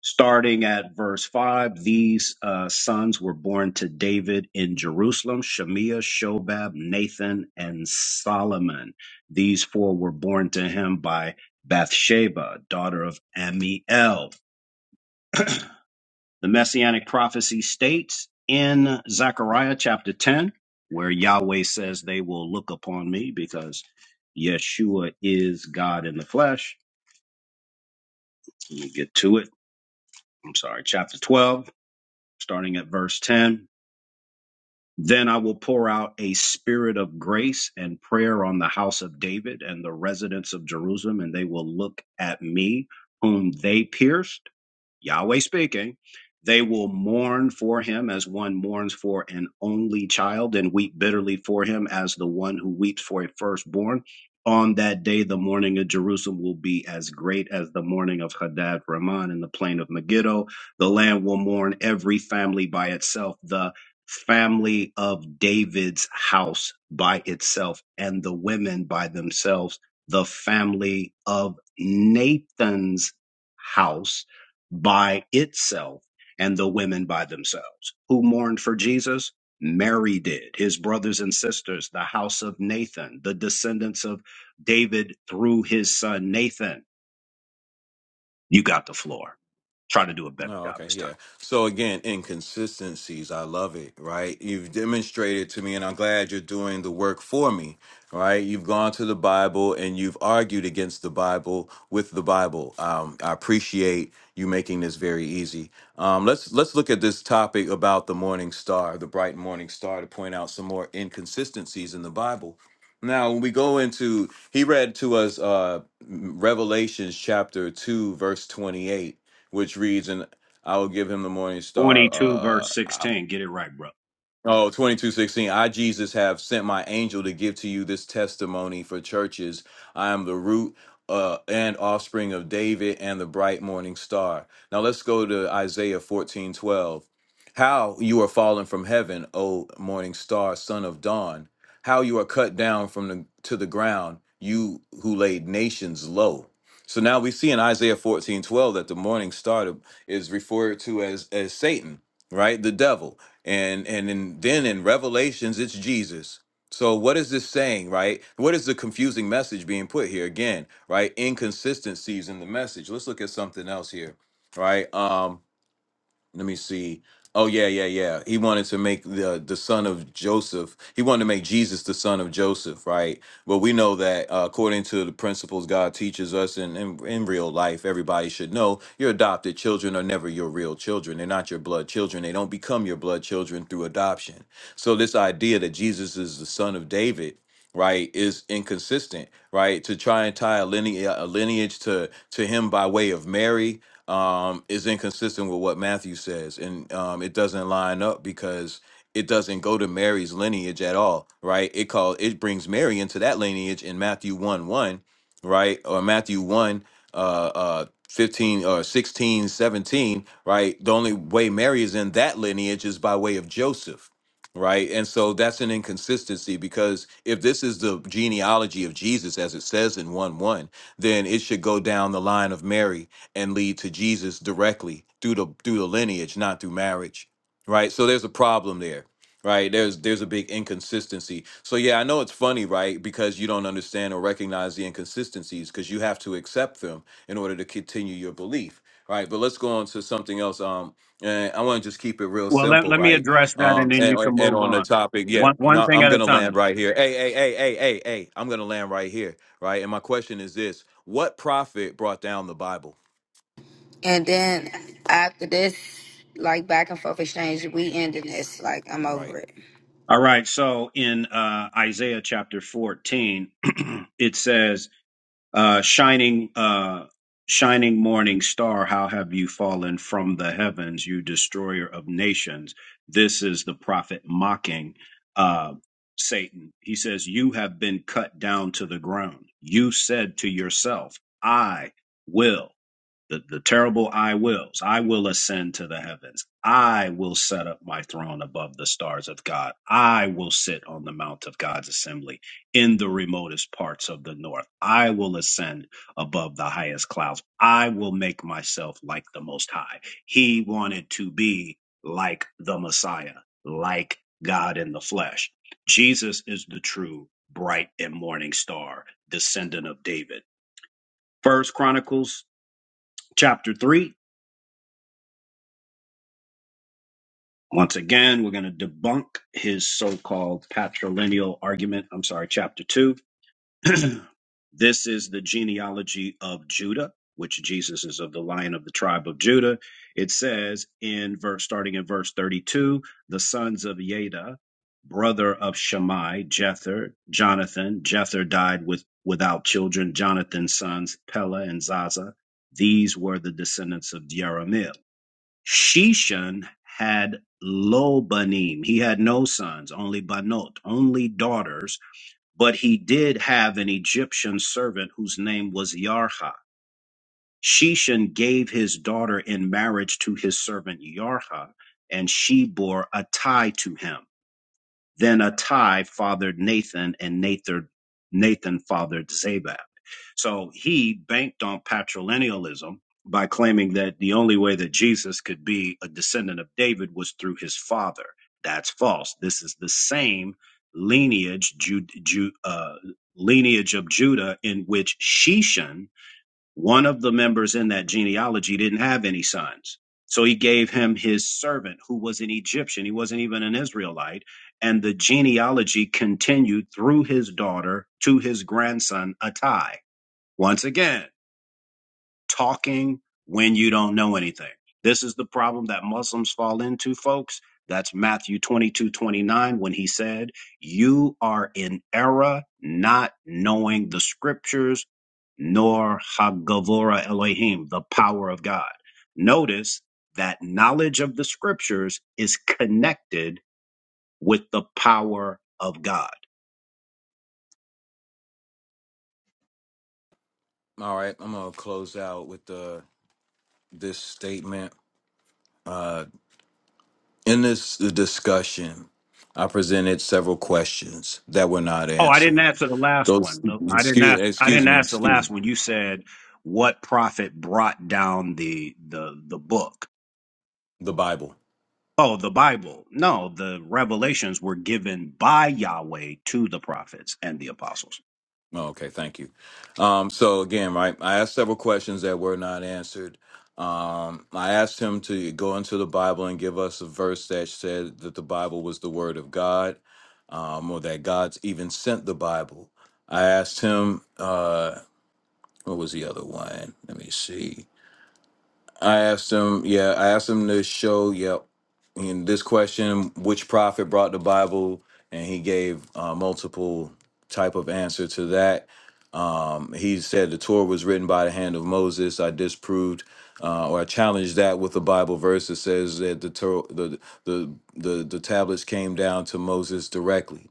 Speaker 4: starting at verse 5. These uh, sons were born to David in Jerusalem Shemiah, Shobab, Nathan, and Solomon. These four were born to him by Bathsheba, daughter of Amiel. The messianic prophecy states in Zechariah chapter 10, where Yahweh says, They will look upon me because Yeshua is God in the flesh. Let me get to it. I'm sorry. Chapter 12, starting at verse 10. Then I will pour out a spirit of grace and prayer on the house of David and the residents of Jerusalem, and they will look at me, whom they pierced. Yahweh speaking. They will mourn for him as one mourns for an only child, and weep bitterly for him as the one who weeps for a firstborn. On that day, the mourning of Jerusalem will be as great as the mourning of Hadad Raman in the plain of Megiddo. The land will mourn every family by itself. The family of David's house by itself and the women by themselves, the family of Nathan's house by itself and the women by themselves. Who mourned for Jesus? Mary did, his brothers and sisters, the house of Nathan, the descendants of David through his son Nathan. You got the floor. Try to do a better
Speaker 1: No,
Speaker 4: job
Speaker 1: okay,
Speaker 4: this time.
Speaker 1: yeah. So again, inconsistencies, I love it, right? You've demonstrated to me, and I'm glad you're doing the work for me, right? You've gone to the Bible and you've argued against the Bible with the Bible. Um, I appreciate you making this very easy. Um, let's let's look at this topic about the morning star, the bright morning star, to point out some more inconsistencies in the Bible. Now, when we go into, he read to us uh, Revelations chapter two, verse twenty-eight which reads, and. I would give him the Morning Star.
Speaker 4: 22
Speaker 1: Uh,
Speaker 4: verse 16. Get it right, brother.
Speaker 1: Oh, twenty-two, sixteen. I, Jesus, have sent my angel to give to you this testimony for churches. I am the root uh, and offspring of David and the bright morning star. Now let's go to Isaiah 14, 12. How you are fallen from heaven, O morning star, son of dawn. How you are cut down from the to the ground, you who laid nations low. So now we see in Isaiah 14, 12, that the morning star is referred to as, as Satan, right? The devil and and in, then in revelations it's jesus so what is this saying right what is the confusing message being put here again right inconsistencies in the message let's look at something else here right Um, let me see. Oh yeah, yeah, yeah. He wanted to make the the son of Joseph. He wanted to make Jesus the son of Joseph, right? But we know that uh, according to the principles God teaches us in, in in real life, everybody should know your adopted children are never your real children. They're not your blood children. They don't become your blood children through adoption. So this idea that Jesus is the son of David right is inconsistent right to try and tie a lineage, a lineage to to him by way of mary um, is inconsistent with what Matthew says, and um, it doesn't line up because it doesn't go to Mary's lineage at all, right? It call it brings Mary into that lineage in Matthew one one, right, or Matthew one uh, uh, fifteen or 16 17, right? The only way Mary is in that lineage is by way of Joseph. Right. And so that's an inconsistency because if this is the genealogy of Jesus, as it says in 1 1, then it should go down the line of Mary and lead to Jesus directly through the through the lineage, not through marriage. Right? So there's a problem there. Right? There's there's a big inconsistency. So yeah, I know it's funny, right? Because you don't understand or recognize the inconsistencies because you have to accept them in order to continue your belief. Right. But let's go on to something else. Um and I want to just keep it real
Speaker 4: Well, let,
Speaker 1: simple,
Speaker 4: let me
Speaker 1: right?
Speaker 4: address that
Speaker 1: Um
Speaker 4: and then you
Speaker 1: and,
Speaker 4: can
Speaker 1: and
Speaker 4: move
Speaker 1: on the
Speaker 4: on.
Speaker 1: topic, yeah,
Speaker 4: One, one
Speaker 1: no,
Speaker 4: thing
Speaker 1: I'm
Speaker 4: at a
Speaker 1: gonna land
Speaker 4: time.
Speaker 1: right here. Hey, hey, hey, hey, hey, hey, I'm gonna land right here, right? And my question is this what prophet brought down the Bible?
Speaker 2: And then after this, like back and forth exchange, we ending this. Like I'm over
Speaker 1: Right.
Speaker 2: it.
Speaker 4: All right. So in uh, Isaiah chapter 14, [clears throat] it says, uh, shining, uh, shining morning star, how have you fallen from the heavens, you destroyer of nations? This is the prophet mocking uh, Satan. He says, you have been cut down to the ground. You said to yourself, I will. the, the terrible I wills. I will ascend to the heavens. I will set up my throne above the stars of God. I will sit on the mount of God's assembly in the remotest parts of the north. I will ascend above the highest clouds. I will make myself like the most high. He wanted to be like the Messiah, like God in the flesh. Jesus is the true bright and morning star, descendant of David. First Chronicles chapter 3 Once again, we're going to debunk his so called patrilineal argument. I'm sorry, chapter two. [clears throat] this is the genealogy of Judah, which Jesus is of the lion of the tribe of Judah. It says in verse, starting in verse 32, the sons of Yada, brother of Shammai, Jether, Jonathan. Jether died with, without children. Jonathan's sons, Pella and Zaza. These were the descendants of Jeremiah. Sheshan had lo banim. He had no sons, only banot, only daughters, but he did have an Egyptian servant whose name was Yarha. Sheshan gave his daughter in marriage to his servant Yarha, and she bore a tie to him. Then Attai fathered Nathan, and Nathan Nathan fathered Zabad. So he banked on patrilinealism by claiming that the only way that Jesus could be a descendant of David was through his father. That's false. This is the same lineage, Ju- Ju- uh, lineage of Judah in which Sheshan one of the members in that genealogy didn't have any sons. So he gave him his servant, who was an Egyptian. He wasn't even an Israelite. And the genealogy continued through his daughter to his grandson, Attai. Once again, talking when you don't know anything. This is the problem that Muslims fall into, folks. That's Matthew 22 29 when he said, You are in error, not knowing the scriptures, nor Hagavora Elohim, the power of God. Notice that knowledge of the scriptures is connected with the power of God.
Speaker 1: All right. I'm gonna close out with the this statement. Uh, in this discussion, I presented several questions that were not
Speaker 4: Oh, I didn't
Speaker 1: answered.
Speaker 4: answer the last
Speaker 1: Those
Speaker 4: one. The- I didn't
Speaker 1: excuse
Speaker 4: ask. I
Speaker 1: excuse
Speaker 4: didn't
Speaker 1: me
Speaker 4: ask the
Speaker 1: excuse
Speaker 4: last
Speaker 1: me,
Speaker 4: one. You said what prophet brought down the the the book?
Speaker 1: the Bible.
Speaker 4: Oh, the Bible. No, the revelations were given by Yahweh to the prophets and the apostles.
Speaker 1: Oh, okay, thank you. Um, so again, right, I asked several questions that were not answered. Um, I asked him to go into the Bible and give us a verse that said that the Bible was the Word of God, um, or that God's even sent the Bible. I asked him, uh, what was the other one? Let me see. I asked him, yeah, I asked him to show, yep, in this question, which prophet brought the Bible, and he gave uh, multiple type of answer to that. Um, he said the Torah was written by the hand of Moses. I disproved uh, or I challenged that with a Bible verse that says that the Torah, the, the the the tablets came down to Moses directly.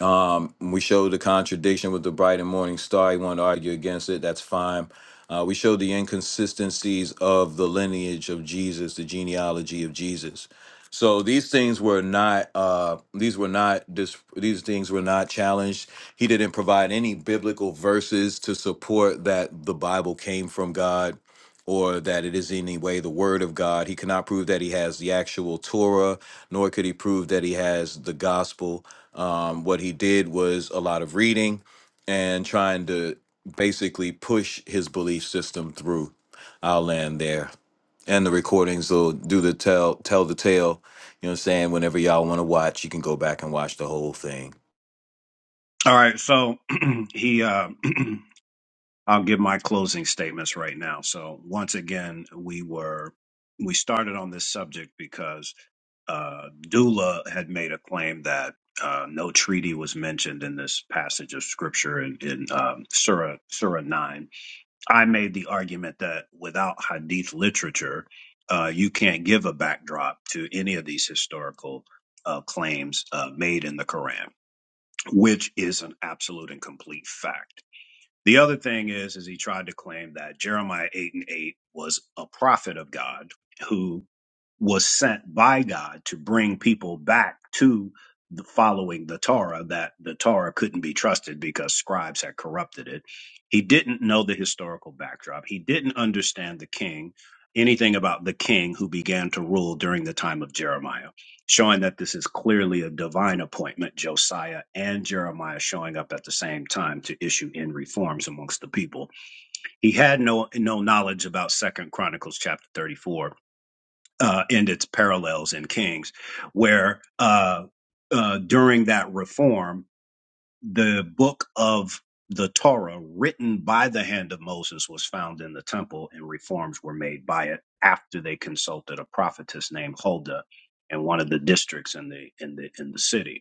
Speaker 1: Um, we showed the contradiction with the bright and morning star. You want to argue against it? That's fine. Uh, we showed the inconsistencies of the lineage of Jesus, the genealogy of Jesus. So these things were not uh, these were not dis- these things were not challenged. He didn't provide any biblical verses to support that the Bible came from God or that it is in any way the word of God. He cannot prove that he has the actual Torah, nor could he prove that he has the gospel. Um, what he did was a lot of reading and trying to basically push his belief system through. I'll land there. And the recordings will do the tell tell the tale. You know what I'm saying? Whenever y'all want to watch, you can go back and watch the whole thing.
Speaker 4: All right, so [clears throat] he. Uh, [clears throat] I'll give my closing statements right now. So once again, we were we started on this subject because uh, Dula had made a claim that uh, no treaty was mentioned in this passage of scripture in, in um, Surah Surah nine. I made the argument that without Hadith literature, uh, you can't give a backdrop to any of these historical uh, claims uh, made in the Quran, which is an absolute and complete fact. The other thing is, is he tried to claim that Jeremiah eight and eight was a prophet of God who was sent by God to bring people back to the following the Torah, that the Torah couldn't be trusted because scribes had corrupted it. He didn't know the historical backdrop. He didn't understand the king, anything about the king who began to rule during the time of Jeremiah, showing that this is clearly a divine appointment, Josiah and Jeremiah showing up at the same time to issue in reforms amongst the people. He had no no knowledge about Second Chronicles chapter 34 uh, and its parallels in Kings, where uh, uh, during that reform, the book of the Torah, written by the hand of Moses, was found in the temple, and reforms were made by it after they consulted a prophetess named Huldah in one of the districts in the in the in the city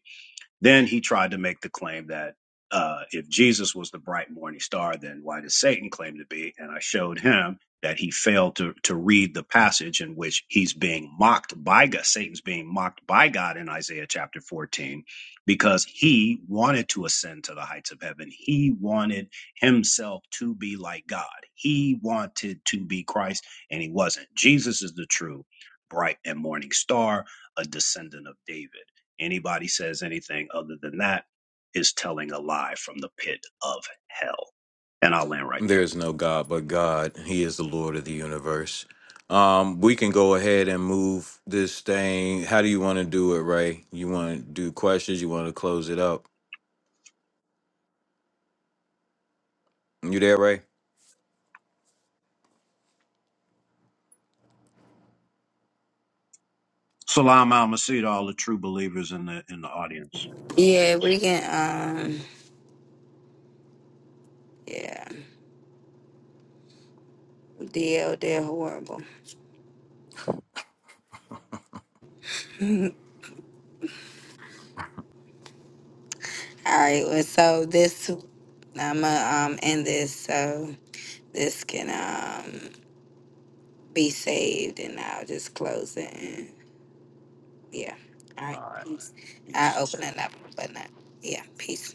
Speaker 4: then he tried to make the claim that uh, if Jesus was the bright morning star, then why does Satan claim to be? And I showed him that he failed to, to read the passage in which he's being mocked by God. Satan's being mocked by God in Isaiah chapter 14 because he wanted to ascend to the heights of heaven. He wanted himself to be like God. He wanted to be Christ and he wasn't. Jesus is the true bright and morning star, a descendant of David. Anybody says anything other than that is telling a lie from the pit of hell. And I'll land right
Speaker 1: There
Speaker 4: there.
Speaker 1: is no God but God. He is the Lord of the universe. Um, we can go ahead and move this thing. How do you want to do it, Ray? You want to do questions? You want to close it up? You there, Ray?
Speaker 4: Salam al to all the true believers in the in the audience.
Speaker 2: Yeah, we can. Um, yeah, DL they're horrible. All right, well, so this I'ma um end this so this can um be saved, and I'll just close it. And yeah, all right. I open it up, but not yeah. Peace.